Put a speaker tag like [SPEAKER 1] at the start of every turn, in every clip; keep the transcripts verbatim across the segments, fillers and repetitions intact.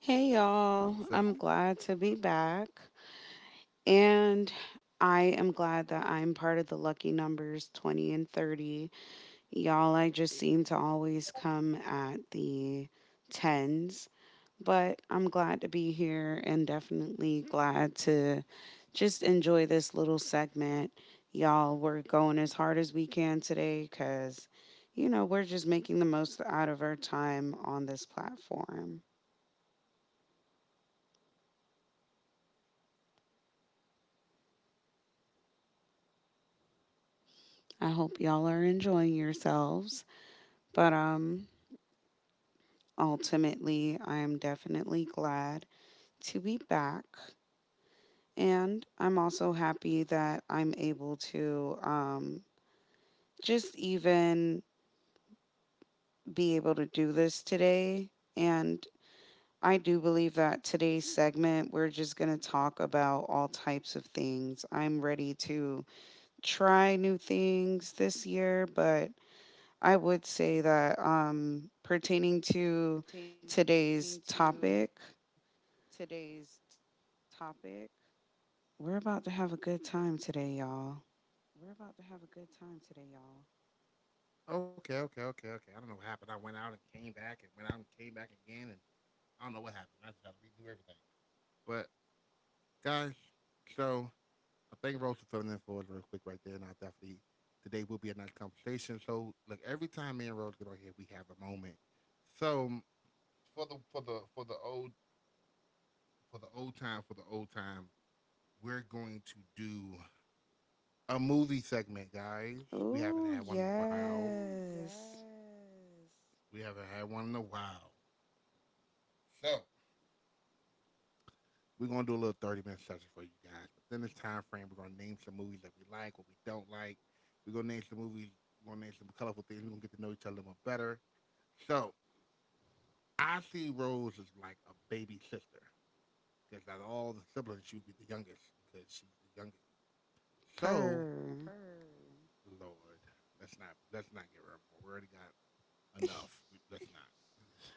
[SPEAKER 1] Hey y'all, I'm glad to be back. And I am glad that I'm part of the lucky numbers twenty and thirty. Y'all, I just seem to always come at the tens, but I'm glad to be here and definitely glad to just enjoy this little segment. Y'all, we're going as hard as we can today because, you know, we're just making the most out of our time on this platform. I hope y'all are enjoying yourselves. But um ultimately, I am definitely glad to be back. And I'm also happy that I'm able to um just even be able to do this today. And I do believe that today's segment, we're just going to talk about all types of things. I'm ready to try new things this
[SPEAKER 2] Try
[SPEAKER 1] year,
[SPEAKER 2] new
[SPEAKER 1] but
[SPEAKER 2] things this
[SPEAKER 1] I
[SPEAKER 2] year,
[SPEAKER 1] would
[SPEAKER 2] but
[SPEAKER 1] say that,
[SPEAKER 2] I would
[SPEAKER 1] um, pertaining
[SPEAKER 2] say that
[SPEAKER 1] to
[SPEAKER 2] um,
[SPEAKER 1] today's
[SPEAKER 2] pertaining
[SPEAKER 1] topic,
[SPEAKER 2] to today's topic,
[SPEAKER 1] we're about to have a good time today, y'all.
[SPEAKER 2] we're about to have a good time today, y'all. Okay, okay, okay, okay. I don't know what happened. I went out and came back and went out and came back again and I don't know what happened. I just had to redo everything. But guys, so I thank Rose for filling in for us real quick right there and I definitely today will be a nice conversation. So look, every time me and Rose get on here we have a moment. So for the for the for the old for the old time for the old time, we're going to do a movie segment, guys. We haven't
[SPEAKER 1] Oh,
[SPEAKER 2] had one in a while. Ooh, yes.
[SPEAKER 1] yes.
[SPEAKER 2] We haven't had one in a while. So we're gonna do a little thirty minute session for you guys. But then this time frame, we're gonna name some movies that we like, what we don't like. We're gonna name some movies. We're gonna name some colorful things. We're gonna get to know each other a little better. So I see Rose as like a baby sister because out of all the siblings, she would be the youngest because she's the youngest. So,
[SPEAKER 1] Per.
[SPEAKER 2] Purr. Lord, let's not let's not get rid more. We already got enough. We, let's not.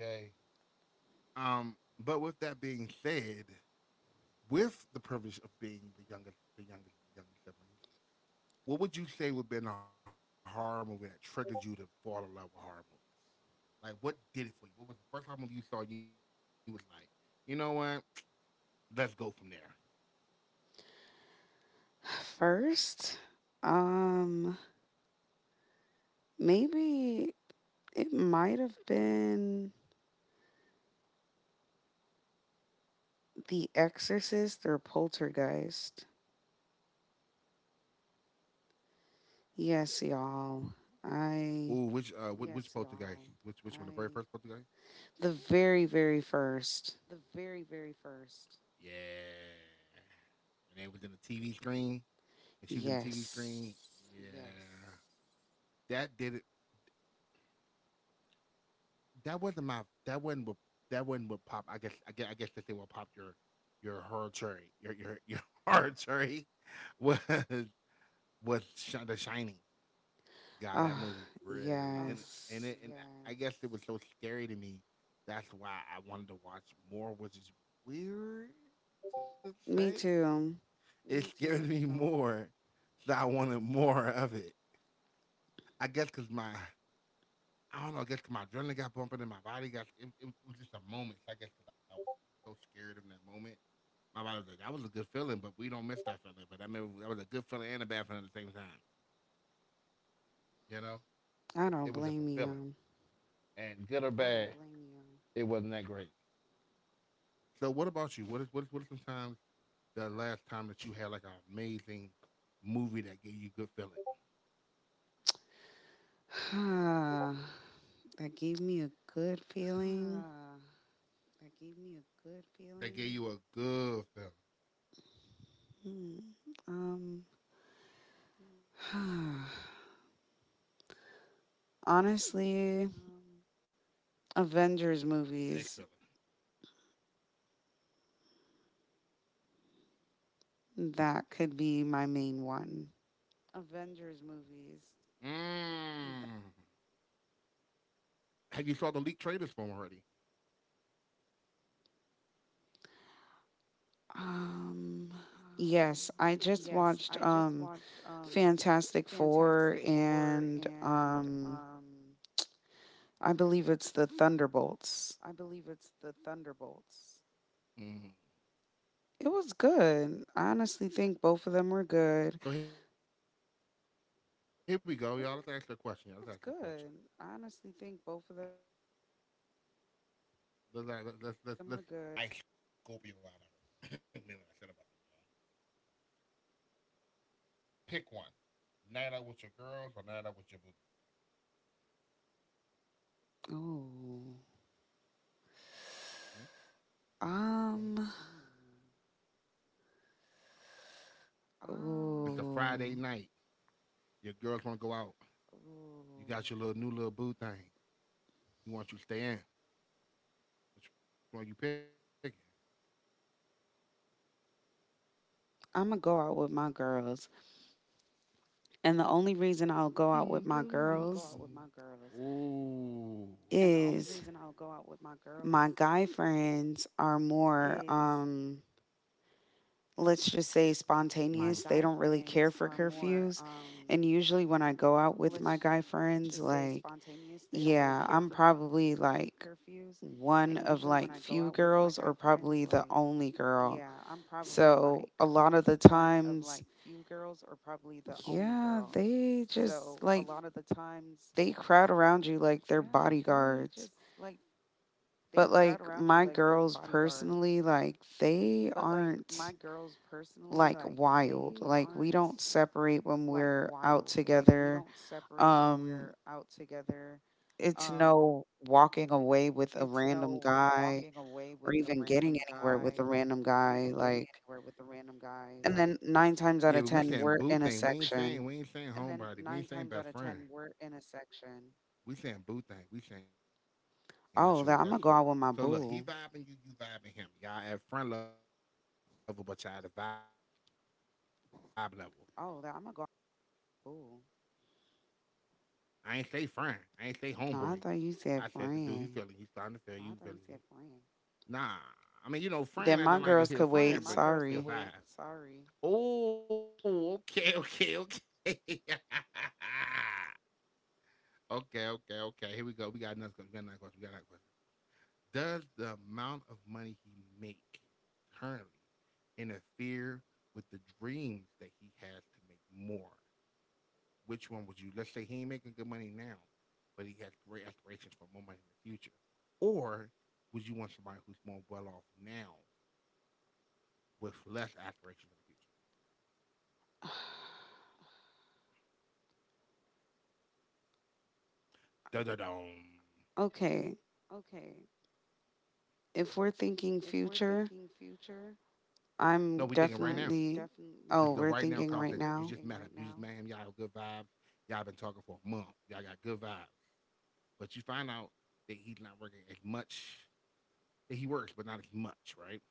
[SPEAKER 2] Okay. Um. But with that being said, with the privilege of being the youngest, the youngest, the youngest siblings, what would you say would have been a horror movie that triggered you to fall in love with horror movies? Like, what did it for you? What was the first horror movie you saw? And You was like, you know what? Let's go from there.
[SPEAKER 1] First, um, maybe it might have been The Exorcist or Poltergeist. Yes, y'all.
[SPEAKER 2] Ooh,
[SPEAKER 1] I.
[SPEAKER 2] which uh, which, Yes, which poltergeist? You Which which I, one? The very first poltergeist?
[SPEAKER 1] The very, very first.
[SPEAKER 2] The very, very first. Yeah. And it was in the T V screen. And she was in the T V screen.
[SPEAKER 1] Yes.
[SPEAKER 2] Yeah. Yes. That did it. That wasn't my. That wasn't what. That wasn't what popped. I guess. I guess. I guess that thing what popped your, your horror cherry. Your your your horror cherry, was was Sh- the Shining. God, that
[SPEAKER 1] Ah,
[SPEAKER 2] movie really. Oh, and Ah,
[SPEAKER 1] yes.
[SPEAKER 2] and it, and yeah. I guess it was so scary to me. That's why I wanted to watch more, which is weird to
[SPEAKER 1] Me
[SPEAKER 2] say.
[SPEAKER 1] too.
[SPEAKER 2] It scares me more, so I wanted more of it. I guess because my, I don't know, I guess 'cause my adrenaline got bumping and my body got, it, it, it was just a moment. So I guess because I was so scared in that moment. My body was like, that was a good feeling, but we don't miss that feeling. But I remember that was a good feeling and a bad feeling at the same time. You know?
[SPEAKER 1] I
[SPEAKER 2] It
[SPEAKER 1] don't
[SPEAKER 2] was just a
[SPEAKER 1] blame
[SPEAKER 2] feeling.
[SPEAKER 1] you.
[SPEAKER 2] And good or bad, it wasn't that great. So what about you? What is what is what is sometimes the last time that you had like an amazing movie that gave you good feeling?
[SPEAKER 1] that gave me a good
[SPEAKER 2] Huh.
[SPEAKER 1] feeling.
[SPEAKER 2] That gave me a good feeling. That gave you a good feeling.
[SPEAKER 1] Hmm. Um,
[SPEAKER 2] Hmm, Um, And it could have been a bad.
[SPEAKER 1] honestly,
[SPEAKER 2] It could have been like a good honestly, bad feeling or a
[SPEAKER 1] Avengers
[SPEAKER 2] good good feeling. But
[SPEAKER 1] movies.
[SPEAKER 2] it gave you a good feeling.
[SPEAKER 1] That could be my main one.
[SPEAKER 2] Avengers movies. Mm. Have you saw the leaked trailers for 'em already?
[SPEAKER 1] Um, yes, I
[SPEAKER 2] Um,
[SPEAKER 1] just watched
[SPEAKER 2] yes, I
[SPEAKER 1] um
[SPEAKER 2] just watched um
[SPEAKER 1] Fantastic Four,
[SPEAKER 2] Fantastic
[SPEAKER 1] and
[SPEAKER 2] Four
[SPEAKER 1] um
[SPEAKER 2] and um
[SPEAKER 1] I believe it's the Thunderbolts.
[SPEAKER 2] I believe it's the Thunderbolts. Mm. So here we
[SPEAKER 1] It
[SPEAKER 2] go, y'all. Let's ask her a
[SPEAKER 1] was
[SPEAKER 2] question. Y'all. That's Let's That's ask her a question.
[SPEAKER 1] good. I honestly think both
[SPEAKER 2] Good.
[SPEAKER 1] of them were
[SPEAKER 2] I
[SPEAKER 1] good.
[SPEAKER 2] honestly think both of them Let's, let's, let's, let's, are let's, good. Let's see if we can pull the inner the inner nice Scorpio out of her. Remember what I said about them. Pick one. Night out with your girls or night out with your boo.
[SPEAKER 1] Oh. Um,
[SPEAKER 2] Hmm? Which one we choose? Ooh.
[SPEAKER 1] ooh,
[SPEAKER 2] Um. It's a Friday night. Your girls want to go out. Ooh. You got your little new little boo thing. You want you to stay in. Which one you picking?
[SPEAKER 1] I'm gonna go out with my girls, and the only reason I'll
[SPEAKER 2] Doom,
[SPEAKER 1] go out with
[SPEAKER 2] doom,
[SPEAKER 1] my
[SPEAKER 2] I'm gonna go out with
[SPEAKER 1] girls
[SPEAKER 2] my girls. Ooh. And the only
[SPEAKER 1] is
[SPEAKER 2] reason I'll go out with my girls
[SPEAKER 1] my guy friends are more,
[SPEAKER 2] is
[SPEAKER 1] um let's just say, spontaneous.
[SPEAKER 2] my Mhm.
[SPEAKER 1] They don't
[SPEAKER 2] guy
[SPEAKER 1] really care for
[SPEAKER 2] friends are
[SPEAKER 1] curfews,
[SPEAKER 2] more,
[SPEAKER 1] and
[SPEAKER 2] um,
[SPEAKER 1] usually when I go out with my
[SPEAKER 2] let's
[SPEAKER 1] guy
[SPEAKER 2] just say,
[SPEAKER 1] friends, like,
[SPEAKER 2] spontaneous. They don't really care for
[SPEAKER 1] yeah, I'm probably like
[SPEAKER 2] curfews. And
[SPEAKER 1] one
[SPEAKER 2] usually when I
[SPEAKER 1] of
[SPEAKER 2] go
[SPEAKER 1] like
[SPEAKER 2] out with
[SPEAKER 1] few
[SPEAKER 2] my guy
[SPEAKER 1] girls or
[SPEAKER 2] friends,
[SPEAKER 1] probably
[SPEAKER 2] like,
[SPEAKER 1] the only
[SPEAKER 2] yeah,
[SPEAKER 1] girl.
[SPEAKER 2] I'm probably like
[SPEAKER 1] So a lot of the
[SPEAKER 2] one of like
[SPEAKER 1] times,
[SPEAKER 2] few girls or probably the only
[SPEAKER 1] yeah,
[SPEAKER 2] girl.
[SPEAKER 1] they just
[SPEAKER 2] So a
[SPEAKER 1] like,
[SPEAKER 2] lot of the times,
[SPEAKER 1] they crowd around you like they're
[SPEAKER 2] yeah,
[SPEAKER 1] bodyguards.
[SPEAKER 2] they just like
[SPEAKER 1] But
[SPEAKER 2] they
[SPEAKER 1] like
[SPEAKER 2] crowd
[SPEAKER 1] my
[SPEAKER 2] around you
[SPEAKER 1] girls
[SPEAKER 2] like they're
[SPEAKER 1] personally,
[SPEAKER 2] bodyguards.
[SPEAKER 1] like, they
[SPEAKER 2] But
[SPEAKER 1] aren't
[SPEAKER 2] like my girls
[SPEAKER 1] like
[SPEAKER 2] personally,
[SPEAKER 1] wild.
[SPEAKER 2] like
[SPEAKER 1] Like, we
[SPEAKER 2] they
[SPEAKER 1] don't
[SPEAKER 2] aren't
[SPEAKER 1] separate when we're out
[SPEAKER 2] like
[SPEAKER 1] together.
[SPEAKER 2] wild. Like we don't
[SPEAKER 1] Um
[SPEAKER 2] separate when we're out together.
[SPEAKER 1] it's no
[SPEAKER 2] Um,
[SPEAKER 1] walking away with a random
[SPEAKER 2] it's no
[SPEAKER 1] guy
[SPEAKER 2] walking
[SPEAKER 1] or
[SPEAKER 2] away
[SPEAKER 1] even
[SPEAKER 2] with a
[SPEAKER 1] getting anywhere
[SPEAKER 2] random
[SPEAKER 1] with a random
[SPEAKER 2] guy.
[SPEAKER 1] guy,
[SPEAKER 2] Or
[SPEAKER 1] like,
[SPEAKER 2] even getting anywhere with a random
[SPEAKER 1] and then
[SPEAKER 2] guy.
[SPEAKER 1] nine
[SPEAKER 2] Like,
[SPEAKER 1] times
[SPEAKER 2] yeah,
[SPEAKER 1] out
[SPEAKER 2] but
[SPEAKER 1] of
[SPEAKER 2] we
[SPEAKER 1] ten
[SPEAKER 2] saying
[SPEAKER 1] we're
[SPEAKER 2] boo
[SPEAKER 1] in a
[SPEAKER 2] thing. We ain't saying we
[SPEAKER 1] section.
[SPEAKER 2] ain't saying and then homebody. We nine ain't saying times out best of friend. Ten, We're in a section. We saying boo thing. We saying that's your that's your. So look, he
[SPEAKER 1] Oh, that I'm gonna
[SPEAKER 2] vibing
[SPEAKER 1] go
[SPEAKER 2] you,
[SPEAKER 1] out
[SPEAKER 2] you
[SPEAKER 1] with my
[SPEAKER 2] vibing him.
[SPEAKER 1] boo.
[SPEAKER 2] Y'all at friend level, but y'all at a vibe level. Oh, that I'm gonna go out with my So who you, who you going out with? Boo. I ain't say friend. I ain't say homeboy.
[SPEAKER 1] Oh, I thought you
[SPEAKER 2] I
[SPEAKER 1] said
[SPEAKER 2] said the dude, he feeling,
[SPEAKER 1] friend.
[SPEAKER 2] he's starting to feel you. Thought Feeling you said friend. Nah, I mean, you know, friend.
[SPEAKER 1] Then
[SPEAKER 2] I
[SPEAKER 1] my
[SPEAKER 2] don't like a
[SPEAKER 1] girls could
[SPEAKER 2] his friend, Yeah,
[SPEAKER 1] wait.
[SPEAKER 2] my but girls his could
[SPEAKER 1] Sorry.
[SPEAKER 2] wait. Sorry. Oh, okay, okay, okay. okay, okay, okay. Here we go. We got another question. We got another question. We got another question. Does the amount of money he make currently interfere with the dreams that he has to make more? Which one would you? Let's say he ain't making good money now, but he has great aspirations for more money in the future, or would you want somebody who's more well off now with less aspirations in the future? Da da dum.
[SPEAKER 1] Okay.
[SPEAKER 2] Okay,
[SPEAKER 1] If we're thinking
[SPEAKER 2] if we're
[SPEAKER 1] future,
[SPEAKER 2] thinking future, no,
[SPEAKER 1] I'm
[SPEAKER 2] we are thinking right now. I'm now.
[SPEAKER 1] definitely.
[SPEAKER 2] Definitely. This is
[SPEAKER 1] Oh,
[SPEAKER 2] the
[SPEAKER 1] we're
[SPEAKER 2] right now Oh,
[SPEAKER 1] thinking right
[SPEAKER 2] conversation. We You
[SPEAKER 1] now.
[SPEAKER 2] just met him. right You just met him. Y'all have good vibes. Y'all been talking for a month. Y'all got good vibes. But you find out that he's not working as much. That he works, but not as much, right?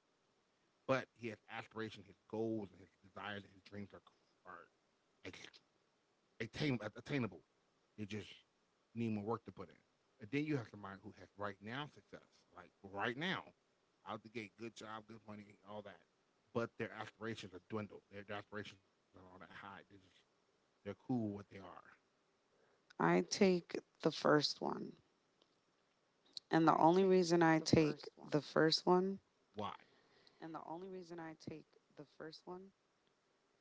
[SPEAKER 2] But he has aspirations, his goals, and his desires, and his dreams are are attain, attainable. They just need more work to put in. But then you have somebody who has right now success, like right now, out the gate, good job, good money, all that. But their aspirations are dwindled. Their, aspirations are not that high. They're just they're cool with what they are.
[SPEAKER 1] I take the first one.
[SPEAKER 2] I take the
[SPEAKER 1] And
[SPEAKER 2] first
[SPEAKER 1] the
[SPEAKER 2] one.
[SPEAKER 1] only reason I take
[SPEAKER 2] Why?
[SPEAKER 1] the first one,
[SPEAKER 2] And the only reason I take the first one,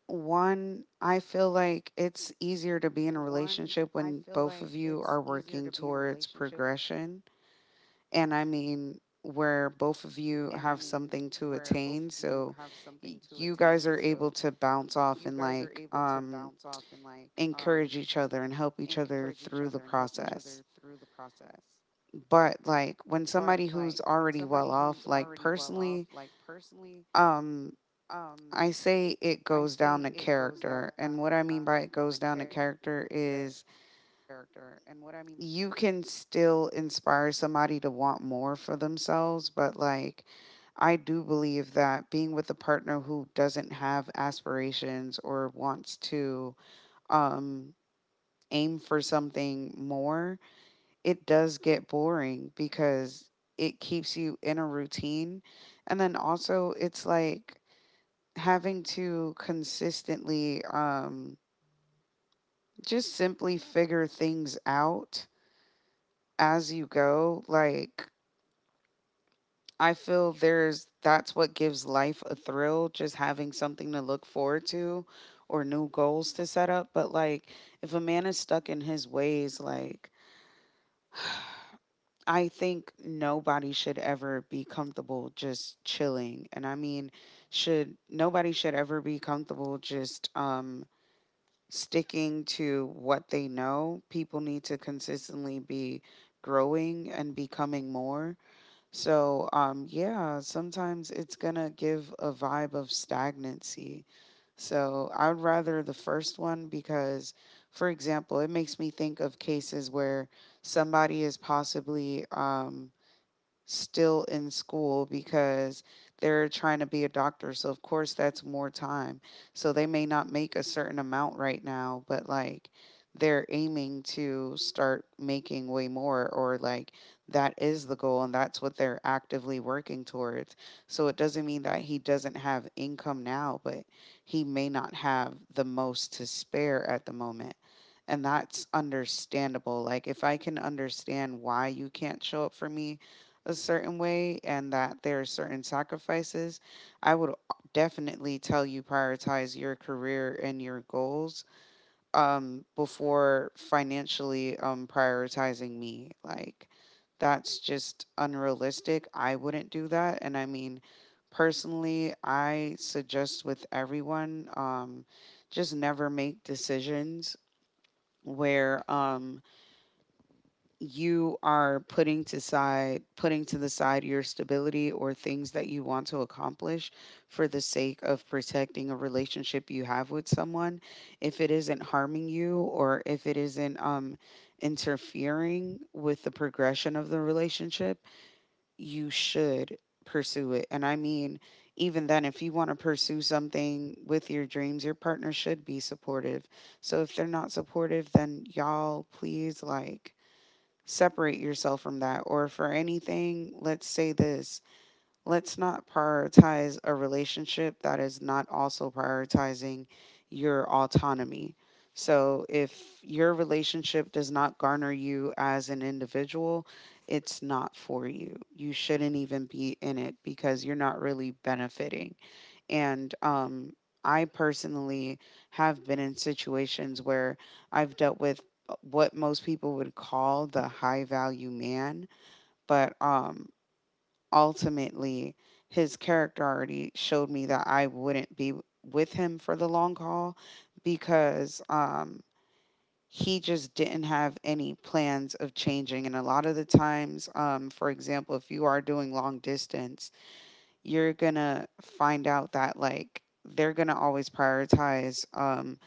[SPEAKER 1] one, I feel like it's
[SPEAKER 2] one,
[SPEAKER 1] easier to
[SPEAKER 2] I
[SPEAKER 1] be in a
[SPEAKER 2] feel like
[SPEAKER 1] relationship
[SPEAKER 2] it's
[SPEAKER 1] when
[SPEAKER 2] easier
[SPEAKER 1] both
[SPEAKER 2] to
[SPEAKER 1] of
[SPEAKER 2] be in a
[SPEAKER 1] you are
[SPEAKER 2] relationship
[SPEAKER 1] working towards progression. And I mean, where
[SPEAKER 2] and I
[SPEAKER 1] both
[SPEAKER 2] mean
[SPEAKER 1] of you have
[SPEAKER 2] where both
[SPEAKER 1] something
[SPEAKER 2] of
[SPEAKER 1] to
[SPEAKER 2] you have
[SPEAKER 1] attain.
[SPEAKER 2] something
[SPEAKER 1] So
[SPEAKER 2] to attain.
[SPEAKER 1] y-
[SPEAKER 2] So
[SPEAKER 1] you guys are
[SPEAKER 2] y-
[SPEAKER 1] able to
[SPEAKER 2] you guys are
[SPEAKER 1] bounce
[SPEAKER 2] able
[SPEAKER 1] off and,
[SPEAKER 2] to
[SPEAKER 1] like,
[SPEAKER 2] bounce off and like
[SPEAKER 1] um,
[SPEAKER 2] um
[SPEAKER 1] encourage each other and
[SPEAKER 2] encourage
[SPEAKER 1] help
[SPEAKER 2] each
[SPEAKER 1] each
[SPEAKER 2] other and
[SPEAKER 1] other
[SPEAKER 2] help each
[SPEAKER 1] through the
[SPEAKER 2] other through the
[SPEAKER 1] process.
[SPEAKER 2] process.
[SPEAKER 1] But like
[SPEAKER 2] But
[SPEAKER 1] when
[SPEAKER 2] like
[SPEAKER 1] somebody
[SPEAKER 2] when
[SPEAKER 1] who's
[SPEAKER 2] somebody
[SPEAKER 1] already
[SPEAKER 2] who's
[SPEAKER 1] well
[SPEAKER 2] already
[SPEAKER 1] off,
[SPEAKER 2] well
[SPEAKER 1] like,
[SPEAKER 2] off, like
[SPEAKER 1] personally,
[SPEAKER 2] personally,
[SPEAKER 1] um
[SPEAKER 2] um
[SPEAKER 1] I
[SPEAKER 2] I
[SPEAKER 1] say it
[SPEAKER 2] say
[SPEAKER 1] goes
[SPEAKER 2] it
[SPEAKER 1] down to
[SPEAKER 2] goes down to character.
[SPEAKER 1] character. And what I mean by it goes down to character
[SPEAKER 2] And
[SPEAKER 1] is
[SPEAKER 2] what I mean by it goes down to character
[SPEAKER 1] you can still inspire somebody to want more for themselves, but like, I do believe that being with a partner who doesn't have aspirations or wants to um aim for something more, it does get boring because it keeps you in a routine. And then also, it's like having to consistently, um, just simply figure things out as you go. Like, I feel there's that's what gives life a thrill, just having something to look forward to or new goals to set up. But like, if a man is stuck in his ways, like, I think nobody should ever be comfortable just chilling. And I mean, should nobody should ever be comfortable just um sticking to what they know. People need to consistently be growing and becoming more. So, um yeah, sometimes it's going to give a vibe of stagnancy. So I would rather the first one because, for example, it makes me think of cases where somebody is possibly um still in school because they're trying to be a doctor. So of course that's more time. So they may not make a certain amount right now, but like, they're aiming to start making way more, or like, that is the goal and that's what they're actively working towards. So it doesn't mean that he doesn't have income now, but he may not have the most to spare at the moment, and that's understandable. Like, if I can understand why you can't show up for me a certain way and that there are certain sacrifices, I would definitely tell you, prioritize your career and your goals, um, before financially, um, prioritizing me. Like, that's just unrealistic. I wouldn't do that. And I mean, personally, I suggest with everyone, um, just never make decisions where, um, you are putting to side, putting to the side your stability or things that you want to accomplish for the sake of protecting a relationship you have with someone. If it isn't harming you or if it isn't um interfering with the progression of the relationship, you should pursue it. And I mean, even then, if you want to pursue something with your dreams, your partner should be supportive. So if they're not supportive, then y'all, please, like, separate yourself from that. Or for anything, let's say this, let's not prioritize a relationship that is not also prioritizing your autonomy. So if your relationship does not garner you as an individual, it's not for you. You shouldn't even be in it because you're not really benefiting. And, um, I personally have been in situations where I've dealt with, uh, what most people would call the high value man, but um, ultimately, his character already showed me that I wouldn't be with him for the long haul because um, he just didn't have any plans of changing. And a lot of the times, um, for example, if you are doing long distance, you're gonna find out that, like, they're gonna always prioritize um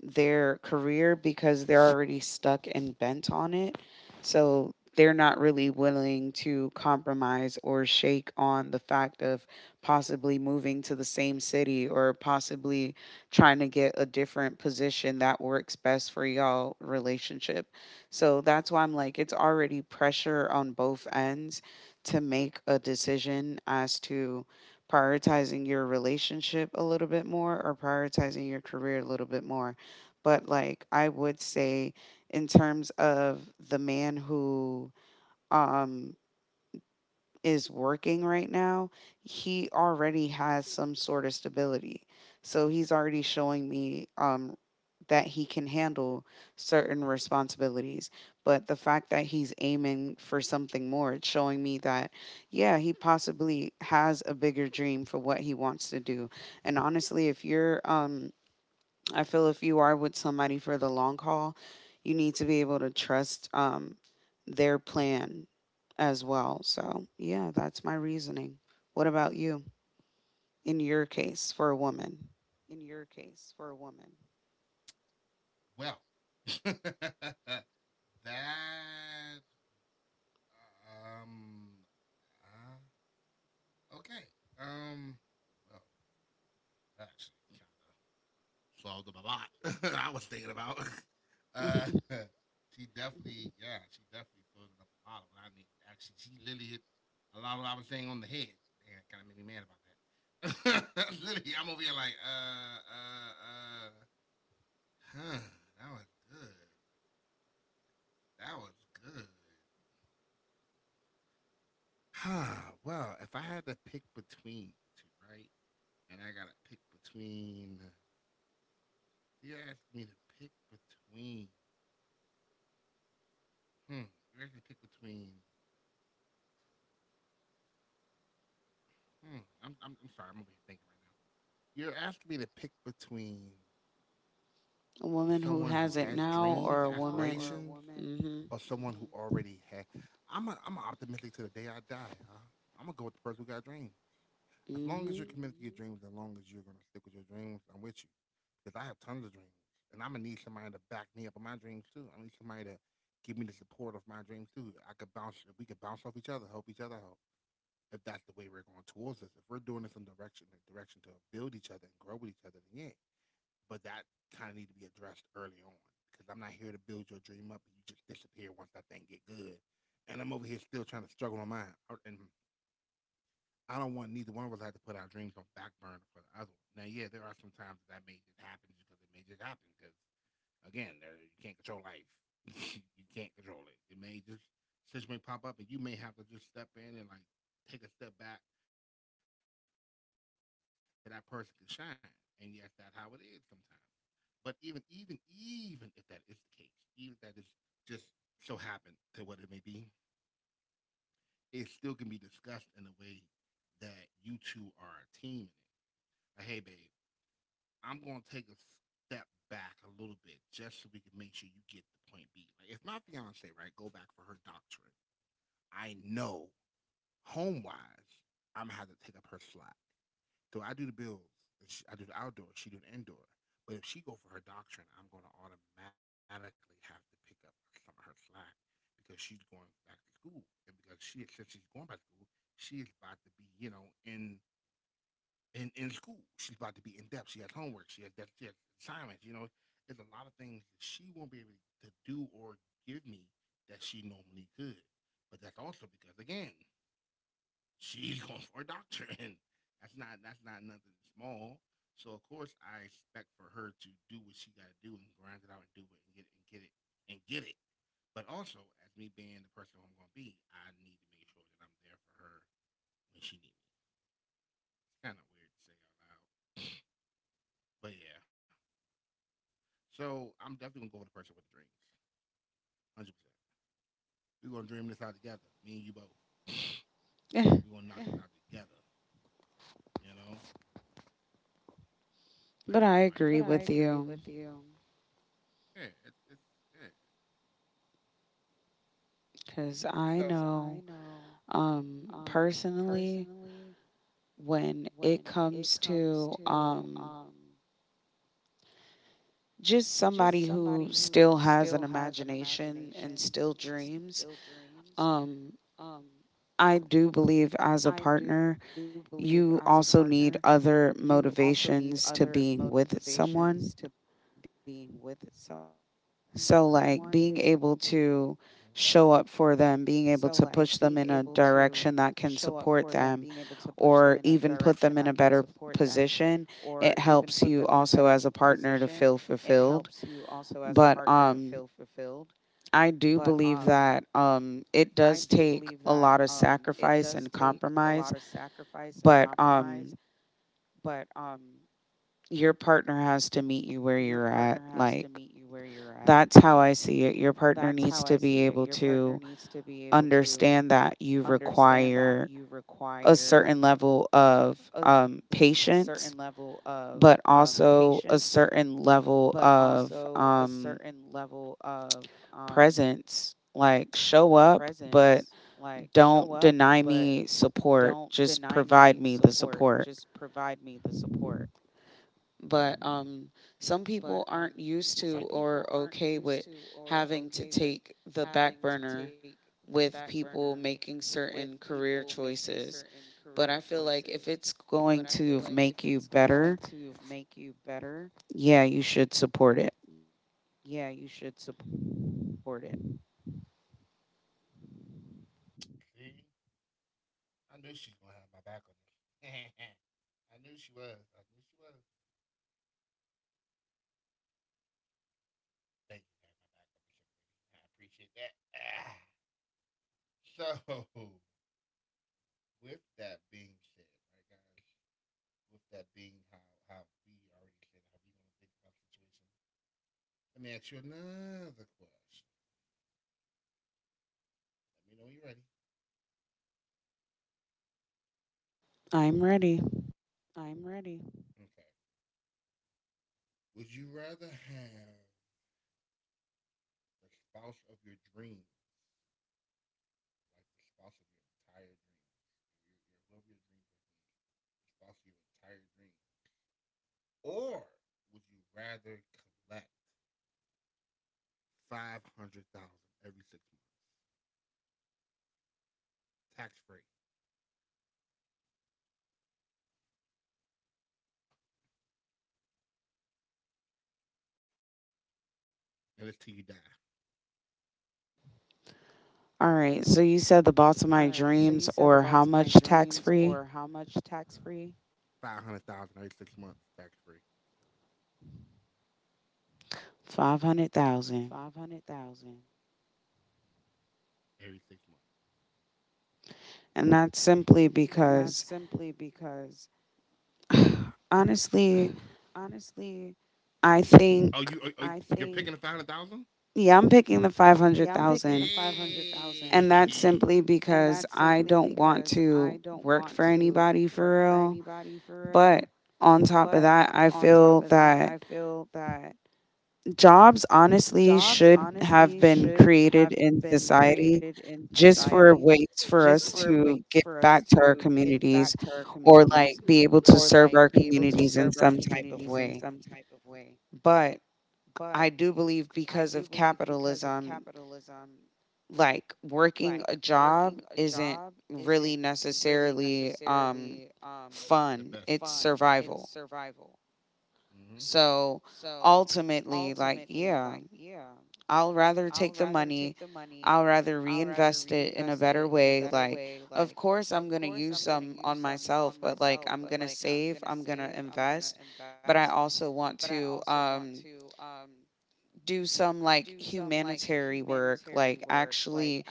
[SPEAKER 1] their career because they're already stuck and bent on it. So they're not really willing to compromise or shake on the fact of possibly moving to the same city or possibly trying to get a different position that works best for y'all relationship. So that's why I'm like, it's already pressure on both ends to make a decision as to prioritizing your relationship a little bit more or prioritizing your career a little bit more. But like, I would say, in terms of the man who um is working right now, he already has some sort of stability. So he's already showing me um that he can handle certain responsibilities. But the fact that he's aiming for something more, it's showing me that, yeah, he possibly has a bigger dream for what he wants to do. And honestly, if you're um I feel if you are with somebody for the long haul, you need to be able to trust, um, their plan as well. So yeah, that's my reasoning. What about you in
[SPEAKER 2] in
[SPEAKER 1] your
[SPEAKER 2] your
[SPEAKER 1] case
[SPEAKER 2] case
[SPEAKER 1] for
[SPEAKER 2] for
[SPEAKER 1] a
[SPEAKER 2] a woman.
[SPEAKER 1] woman?
[SPEAKER 2] Well, that um, uh, okay. Um. Well, that actually kind of solved up a lot I was thinking about. Uh,
[SPEAKER 1] Mhm.
[SPEAKER 2] she definitely, yeah, she definitely filled up a lot of what I needed. Actually, she literally hit a lot of what I was saying on the head. Damn, kind of made me mad about that. Literally, I'm over here like, uh, uh, uh, huh? That was good. That was good. Huh. Well, if I had to pick between the two, right? And I gotta pick between you are asking me to pick between. Hmm. You asked me to pick between. Hmm. I'm, I'm, I'm sorry. I'm over here thinking right now. You're asking me to pick between
[SPEAKER 1] a woman who
[SPEAKER 2] someone who
[SPEAKER 1] has it
[SPEAKER 2] has who
[SPEAKER 1] now
[SPEAKER 2] dreams,
[SPEAKER 1] or
[SPEAKER 2] it or
[SPEAKER 1] a woman.
[SPEAKER 2] aspirations,
[SPEAKER 1] Mm-hmm,
[SPEAKER 2] or someone mm-hmm. who Mhm. already had. I'm a, I'm a optimistic to the day I die. Huh? I'm gonna go with the person who got dreams. As long as
[SPEAKER 1] mm-hmm.
[SPEAKER 2] you're committed to your dreams, as long as you're gonna stick with your dreams, I'm with you. Because I have tons of dreams, and I'm gonna need somebody to back me up on my dreams too. I need somebody to give me the support of my dreams too. I could bounce. We could bounce off each other, help each other out. If that's the way we're going towards this, if we're doing this in direction, in direction to build each other and grow with each other, then yeah. But that kind of need to be addressed early on because I'm not here to build your dream up and you just disappear once that thing get good. And I'm over here still trying to struggle on mine. And I don't want neither one of us to have to put our dreams on back burner for the other one. Now, yeah, there are some times that that may just happen just because it may just happen because, again, there, you can't control life. You can't control it. It may just, situation may pop up and you may have to just step in and, like, take a step back so that person can shine. And yes, that's how it is sometimes. But even, even, even if that is the case, even if that is just so happened to what it may be, it still can be discussed in a way that you two are a team in it. Hey babe, I'm gonna take a step back a little bit just so we can make sure you get the point B. Like if my fiance, right, go back for her doctorate, I know home wise, I'm gonna have to take up her slack. So I do the bills, she, I do the outdoor, she do the indoor. But if she go for her doctorate, I'm gonna automatically have to pick up some of her slack because she's going back to school, and because she since she's going back to school, she is about to be, you know, in in in school. She's about to be in depth. She has homework. She has that she has assignments. You know, there's a lot of things that she won't be able to do or give me that she normally could. But that's also because again, she's going for a doctorate. And that's not that's not nothing small. So of course I expect for her to do what she gotta do and grind it out and do it and get it and get it and get it. But also as me being the person I'm gonna be, I need to make sure that I'm there for her when she needs me. It's kinda weird to say out loud. But yeah, so I'm definitely gonna go with the person with the dreams. Hundred percent. We're gonna dream this out together. Me and you both.
[SPEAKER 1] Eh,
[SPEAKER 2] We're gonna knock this out together. You know? That's
[SPEAKER 1] but
[SPEAKER 2] just
[SPEAKER 1] I
[SPEAKER 2] how I am. But
[SPEAKER 1] agree
[SPEAKER 2] I
[SPEAKER 1] with
[SPEAKER 2] agree
[SPEAKER 1] you
[SPEAKER 2] with you, yeah, it's, it's yeah.
[SPEAKER 1] because
[SPEAKER 2] Because So
[SPEAKER 1] I
[SPEAKER 2] I
[SPEAKER 1] know,
[SPEAKER 2] know, um,
[SPEAKER 1] um,
[SPEAKER 2] personally,
[SPEAKER 1] personally,
[SPEAKER 2] when
[SPEAKER 1] when
[SPEAKER 2] it
[SPEAKER 1] it
[SPEAKER 2] comes
[SPEAKER 1] comes
[SPEAKER 2] to,
[SPEAKER 1] to.
[SPEAKER 2] um,
[SPEAKER 1] Um, Just
[SPEAKER 2] just
[SPEAKER 1] somebody
[SPEAKER 2] somebody who
[SPEAKER 1] who
[SPEAKER 2] still
[SPEAKER 1] still
[SPEAKER 2] has
[SPEAKER 1] has an
[SPEAKER 2] an imagination
[SPEAKER 1] imagination
[SPEAKER 2] and
[SPEAKER 1] and still
[SPEAKER 2] still dreams,
[SPEAKER 1] dreams.
[SPEAKER 2] um,
[SPEAKER 1] Um,
[SPEAKER 2] I do
[SPEAKER 1] I do
[SPEAKER 2] believe
[SPEAKER 1] believe
[SPEAKER 2] as a
[SPEAKER 1] as a
[SPEAKER 2] partner,
[SPEAKER 1] partner,
[SPEAKER 2] you also need
[SPEAKER 1] you
[SPEAKER 2] other
[SPEAKER 1] also need
[SPEAKER 2] motivations to
[SPEAKER 1] other
[SPEAKER 2] being with someone.
[SPEAKER 1] motivations to being with
[SPEAKER 2] Mm-hmm.
[SPEAKER 1] someone. So
[SPEAKER 2] So, like,
[SPEAKER 1] like being
[SPEAKER 2] being
[SPEAKER 1] able
[SPEAKER 2] able to
[SPEAKER 1] to show
[SPEAKER 2] show up
[SPEAKER 1] up for
[SPEAKER 2] for them,
[SPEAKER 1] them,
[SPEAKER 2] being
[SPEAKER 1] being
[SPEAKER 2] able
[SPEAKER 1] able
[SPEAKER 2] to
[SPEAKER 1] to push
[SPEAKER 2] push them
[SPEAKER 1] them
[SPEAKER 2] in
[SPEAKER 1] in
[SPEAKER 2] a
[SPEAKER 1] a
[SPEAKER 2] direction
[SPEAKER 1] direction
[SPEAKER 2] that
[SPEAKER 1] that
[SPEAKER 2] can
[SPEAKER 1] can
[SPEAKER 2] support
[SPEAKER 1] support
[SPEAKER 2] them
[SPEAKER 1] them
[SPEAKER 2] or
[SPEAKER 1] or
[SPEAKER 2] even
[SPEAKER 1] even
[SPEAKER 2] put
[SPEAKER 1] put
[SPEAKER 2] them in
[SPEAKER 1] them
[SPEAKER 2] a
[SPEAKER 1] in a
[SPEAKER 2] better
[SPEAKER 1] better
[SPEAKER 2] position,
[SPEAKER 1] position,
[SPEAKER 2] it
[SPEAKER 1] it
[SPEAKER 2] helps
[SPEAKER 1] helps
[SPEAKER 2] you
[SPEAKER 1] you
[SPEAKER 2] also
[SPEAKER 1] also
[SPEAKER 2] as a
[SPEAKER 1] as a
[SPEAKER 2] partner to
[SPEAKER 1] partner to
[SPEAKER 2] feel
[SPEAKER 1] feel
[SPEAKER 2] fulfilled.
[SPEAKER 1] fulfilled.
[SPEAKER 2] But
[SPEAKER 1] But
[SPEAKER 2] um,
[SPEAKER 1] um
[SPEAKER 2] I
[SPEAKER 1] I
[SPEAKER 2] do
[SPEAKER 1] do
[SPEAKER 2] believe
[SPEAKER 1] believe
[SPEAKER 2] that
[SPEAKER 1] that,
[SPEAKER 2] um,
[SPEAKER 1] um,
[SPEAKER 2] it
[SPEAKER 1] it
[SPEAKER 2] does
[SPEAKER 1] does
[SPEAKER 2] take a
[SPEAKER 1] take
[SPEAKER 2] lot
[SPEAKER 1] a
[SPEAKER 2] of
[SPEAKER 1] lot of
[SPEAKER 2] sacrifice and
[SPEAKER 1] sacrifice and
[SPEAKER 2] compromise,
[SPEAKER 1] compromise,
[SPEAKER 2] but
[SPEAKER 1] but,
[SPEAKER 2] um,
[SPEAKER 1] um,
[SPEAKER 2] your
[SPEAKER 1] your
[SPEAKER 2] partner
[SPEAKER 1] partner
[SPEAKER 2] has to
[SPEAKER 1] has to
[SPEAKER 2] meet you
[SPEAKER 1] meet you
[SPEAKER 2] where
[SPEAKER 1] where
[SPEAKER 2] you're
[SPEAKER 1] you're
[SPEAKER 2] at.
[SPEAKER 1] at.
[SPEAKER 2] Like,
[SPEAKER 1] Like,
[SPEAKER 2] that's
[SPEAKER 1] that's
[SPEAKER 2] how I
[SPEAKER 1] how I
[SPEAKER 2] see it.
[SPEAKER 1] see
[SPEAKER 2] Your
[SPEAKER 1] it. Your
[SPEAKER 2] partner
[SPEAKER 1] partner
[SPEAKER 2] needs
[SPEAKER 1] needs
[SPEAKER 2] to
[SPEAKER 1] to
[SPEAKER 2] be
[SPEAKER 1] be
[SPEAKER 2] able
[SPEAKER 1] able
[SPEAKER 2] to
[SPEAKER 1] to
[SPEAKER 2] understand
[SPEAKER 1] understand
[SPEAKER 2] that
[SPEAKER 1] that you
[SPEAKER 2] you require
[SPEAKER 1] require
[SPEAKER 2] a
[SPEAKER 1] a certain level
[SPEAKER 2] certain
[SPEAKER 1] of,
[SPEAKER 2] level
[SPEAKER 1] um,
[SPEAKER 2] of um,
[SPEAKER 1] patience,
[SPEAKER 2] patience,
[SPEAKER 1] but
[SPEAKER 2] but
[SPEAKER 1] also a
[SPEAKER 2] also
[SPEAKER 1] certain
[SPEAKER 2] a
[SPEAKER 1] level
[SPEAKER 2] certain level
[SPEAKER 1] of,
[SPEAKER 2] of
[SPEAKER 1] um,
[SPEAKER 2] um,
[SPEAKER 1] presence.
[SPEAKER 2] presence.
[SPEAKER 1] Like,
[SPEAKER 2] Like,
[SPEAKER 1] show
[SPEAKER 2] show
[SPEAKER 1] up,
[SPEAKER 2] up,
[SPEAKER 1] but
[SPEAKER 2] but
[SPEAKER 1] Don't
[SPEAKER 2] don't
[SPEAKER 1] deny
[SPEAKER 2] deny
[SPEAKER 1] me
[SPEAKER 2] me
[SPEAKER 1] support.
[SPEAKER 2] support.
[SPEAKER 1] Just
[SPEAKER 2] Just
[SPEAKER 1] provide
[SPEAKER 2] provide
[SPEAKER 1] me
[SPEAKER 2] me
[SPEAKER 1] the
[SPEAKER 2] the
[SPEAKER 1] support.
[SPEAKER 2] support. But
[SPEAKER 1] But,
[SPEAKER 2] um,
[SPEAKER 1] um,
[SPEAKER 2] some like
[SPEAKER 1] some
[SPEAKER 2] people
[SPEAKER 1] people
[SPEAKER 2] aren't
[SPEAKER 1] aren't
[SPEAKER 2] used
[SPEAKER 1] used
[SPEAKER 2] to
[SPEAKER 1] to
[SPEAKER 2] or
[SPEAKER 1] or
[SPEAKER 2] okay
[SPEAKER 1] okay
[SPEAKER 2] with
[SPEAKER 1] with
[SPEAKER 2] having to
[SPEAKER 1] having to
[SPEAKER 2] take
[SPEAKER 1] take the
[SPEAKER 2] the back
[SPEAKER 1] back
[SPEAKER 2] burner
[SPEAKER 1] burner
[SPEAKER 2] with
[SPEAKER 1] with people
[SPEAKER 2] people making
[SPEAKER 1] making
[SPEAKER 2] certain
[SPEAKER 1] certain career
[SPEAKER 2] career
[SPEAKER 1] choices.
[SPEAKER 2] choices.
[SPEAKER 1] But
[SPEAKER 2] But
[SPEAKER 1] I
[SPEAKER 2] I
[SPEAKER 1] feel
[SPEAKER 2] feel like
[SPEAKER 1] like
[SPEAKER 2] if
[SPEAKER 1] if it's
[SPEAKER 2] it's going
[SPEAKER 1] going
[SPEAKER 2] to
[SPEAKER 1] to
[SPEAKER 2] make
[SPEAKER 1] make you
[SPEAKER 2] you better,
[SPEAKER 1] better, yeah,
[SPEAKER 2] yeah, you
[SPEAKER 1] you
[SPEAKER 2] should
[SPEAKER 1] should support
[SPEAKER 2] support
[SPEAKER 1] it.
[SPEAKER 2] it. See, I knew she was gonna have my back on this. I knew she was. I knew she was. Thank you for having my back on this, young. I appreciate that. Ah. So, with that being said, right, guys. With that being how how we already said how we are gonna think about the situation. Let me ask you another question. Let me know when you're ready.
[SPEAKER 1] I'm
[SPEAKER 2] I'm
[SPEAKER 1] ready.
[SPEAKER 2] ready. Okay. Would you rather have the spouse of your dreams, like the spouse of your entire dreams, your, your whoever your dream person is, the spouse of your entire dreams, or would you rather collect five hundred thousand dollars every six months, tax free, and until you die? All
[SPEAKER 1] All right.
[SPEAKER 2] right. So
[SPEAKER 1] So
[SPEAKER 2] you
[SPEAKER 1] you
[SPEAKER 2] said
[SPEAKER 1] said
[SPEAKER 2] the
[SPEAKER 1] the
[SPEAKER 2] boss
[SPEAKER 1] boss
[SPEAKER 2] of
[SPEAKER 1] of
[SPEAKER 2] my
[SPEAKER 1] my dreams
[SPEAKER 2] dreams, or
[SPEAKER 1] or
[SPEAKER 2] how
[SPEAKER 1] how
[SPEAKER 2] much
[SPEAKER 1] much
[SPEAKER 2] tax
[SPEAKER 1] tax
[SPEAKER 2] free?
[SPEAKER 1] free?
[SPEAKER 2] Five hundred thousand every six months, tax free. Five hundred thousand,
[SPEAKER 1] five hundred thousand.
[SPEAKER 2] every six months. And
[SPEAKER 1] And that's
[SPEAKER 2] that's simply
[SPEAKER 1] simply
[SPEAKER 2] because,
[SPEAKER 1] because,
[SPEAKER 2] honestly,
[SPEAKER 1] honestly,
[SPEAKER 2] oh, you are, are, I
[SPEAKER 1] I
[SPEAKER 2] you're think- picking
[SPEAKER 1] think
[SPEAKER 2] a five hundred thousand? Yeah,
[SPEAKER 1] yeah, I'm
[SPEAKER 2] I'm picking
[SPEAKER 1] picking
[SPEAKER 2] the
[SPEAKER 1] the
[SPEAKER 2] five hundred thousand.
[SPEAKER 1] five hundred thousand,
[SPEAKER 2] Hey. And
[SPEAKER 1] and that's
[SPEAKER 2] that's simply
[SPEAKER 1] simply
[SPEAKER 2] because
[SPEAKER 1] because
[SPEAKER 2] I
[SPEAKER 1] I
[SPEAKER 2] don't
[SPEAKER 1] don't
[SPEAKER 2] want
[SPEAKER 1] want
[SPEAKER 2] to
[SPEAKER 1] to
[SPEAKER 2] work
[SPEAKER 1] work
[SPEAKER 2] for
[SPEAKER 1] for
[SPEAKER 2] anybody
[SPEAKER 1] anybody
[SPEAKER 2] for
[SPEAKER 1] for
[SPEAKER 2] real.
[SPEAKER 1] real.
[SPEAKER 2] But
[SPEAKER 1] But on
[SPEAKER 2] on
[SPEAKER 1] top
[SPEAKER 2] top
[SPEAKER 1] of
[SPEAKER 2] of that,
[SPEAKER 1] that, I
[SPEAKER 2] I
[SPEAKER 1] feel
[SPEAKER 2] feel that
[SPEAKER 1] that jobs
[SPEAKER 2] jobs honestly
[SPEAKER 1] honestly
[SPEAKER 2] should
[SPEAKER 1] should
[SPEAKER 2] have
[SPEAKER 1] have been
[SPEAKER 2] been
[SPEAKER 1] created
[SPEAKER 2] created
[SPEAKER 1] in
[SPEAKER 2] in
[SPEAKER 1] society
[SPEAKER 2] society
[SPEAKER 1] just
[SPEAKER 2] just
[SPEAKER 1] for
[SPEAKER 2] for ways
[SPEAKER 1] ways for
[SPEAKER 2] for
[SPEAKER 1] us
[SPEAKER 2] us to
[SPEAKER 1] to give
[SPEAKER 2] give
[SPEAKER 1] back
[SPEAKER 2] back
[SPEAKER 1] to
[SPEAKER 2] to
[SPEAKER 1] our
[SPEAKER 2] our
[SPEAKER 1] communities
[SPEAKER 2] communities
[SPEAKER 1] or
[SPEAKER 2] or
[SPEAKER 1] like
[SPEAKER 2] like
[SPEAKER 1] be
[SPEAKER 2] be
[SPEAKER 1] able
[SPEAKER 2] able
[SPEAKER 1] to
[SPEAKER 2] to
[SPEAKER 1] serve
[SPEAKER 2] serve
[SPEAKER 1] our
[SPEAKER 2] our communities
[SPEAKER 1] communities in
[SPEAKER 2] in
[SPEAKER 1] some
[SPEAKER 2] some type
[SPEAKER 1] type
[SPEAKER 2] of
[SPEAKER 1] of
[SPEAKER 2] way.
[SPEAKER 1] way.
[SPEAKER 2] But
[SPEAKER 1] But I
[SPEAKER 2] I
[SPEAKER 1] do
[SPEAKER 2] do believe
[SPEAKER 1] believe
[SPEAKER 2] because
[SPEAKER 1] because
[SPEAKER 2] of
[SPEAKER 1] of
[SPEAKER 2] capitalism,
[SPEAKER 1] capitalism,
[SPEAKER 2] like
[SPEAKER 1] like,
[SPEAKER 2] working
[SPEAKER 1] working
[SPEAKER 2] a
[SPEAKER 1] a
[SPEAKER 2] job
[SPEAKER 1] job
[SPEAKER 2] isn't
[SPEAKER 1] isn't
[SPEAKER 2] really
[SPEAKER 1] really
[SPEAKER 2] necessarily
[SPEAKER 1] necessarily
[SPEAKER 2] um,
[SPEAKER 1] um
[SPEAKER 2] the best. Fun,
[SPEAKER 1] fun.
[SPEAKER 2] yeah, it's
[SPEAKER 1] It's
[SPEAKER 2] survival.
[SPEAKER 1] survival.
[SPEAKER 2] Hmm. So
[SPEAKER 1] So
[SPEAKER 2] ultimately,
[SPEAKER 1] ultimately,
[SPEAKER 2] like,
[SPEAKER 1] like,
[SPEAKER 2] yeah.
[SPEAKER 1] yeah,
[SPEAKER 2] I'll
[SPEAKER 1] I'll
[SPEAKER 2] rather
[SPEAKER 1] rather
[SPEAKER 2] take
[SPEAKER 1] take
[SPEAKER 2] the
[SPEAKER 1] the
[SPEAKER 2] money.
[SPEAKER 1] money.
[SPEAKER 2] I'll
[SPEAKER 1] I'll
[SPEAKER 2] rather
[SPEAKER 1] rather
[SPEAKER 2] reinvest
[SPEAKER 1] reinvest
[SPEAKER 2] it
[SPEAKER 1] it
[SPEAKER 2] in
[SPEAKER 1] in
[SPEAKER 2] a
[SPEAKER 1] a
[SPEAKER 2] better
[SPEAKER 1] better way.
[SPEAKER 2] way. Like,
[SPEAKER 1] Like,
[SPEAKER 2] of
[SPEAKER 1] of
[SPEAKER 2] course,
[SPEAKER 1] course
[SPEAKER 2] I'm
[SPEAKER 1] I'm going
[SPEAKER 2] going to
[SPEAKER 1] to
[SPEAKER 2] use
[SPEAKER 1] use
[SPEAKER 2] some
[SPEAKER 1] some on
[SPEAKER 2] on myself,
[SPEAKER 1] myself, but
[SPEAKER 2] but like,
[SPEAKER 1] like I'm
[SPEAKER 2] I'm
[SPEAKER 1] going
[SPEAKER 2] going
[SPEAKER 1] to
[SPEAKER 2] to save,
[SPEAKER 1] save, I'm
[SPEAKER 2] I'm
[SPEAKER 1] going
[SPEAKER 2] going to
[SPEAKER 1] to
[SPEAKER 2] invest,
[SPEAKER 1] invest, but I
[SPEAKER 2] but I
[SPEAKER 1] also
[SPEAKER 2] also
[SPEAKER 1] want
[SPEAKER 2] want
[SPEAKER 1] to
[SPEAKER 2] to
[SPEAKER 1] um
[SPEAKER 2] um,
[SPEAKER 1] do
[SPEAKER 2] do
[SPEAKER 1] some
[SPEAKER 2] some
[SPEAKER 1] like
[SPEAKER 2] like
[SPEAKER 1] humanitarian
[SPEAKER 2] humanitarian
[SPEAKER 1] work,
[SPEAKER 2] work,
[SPEAKER 1] like
[SPEAKER 2] like,
[SPEAKER 1] actually
[SPEAKER 2] actually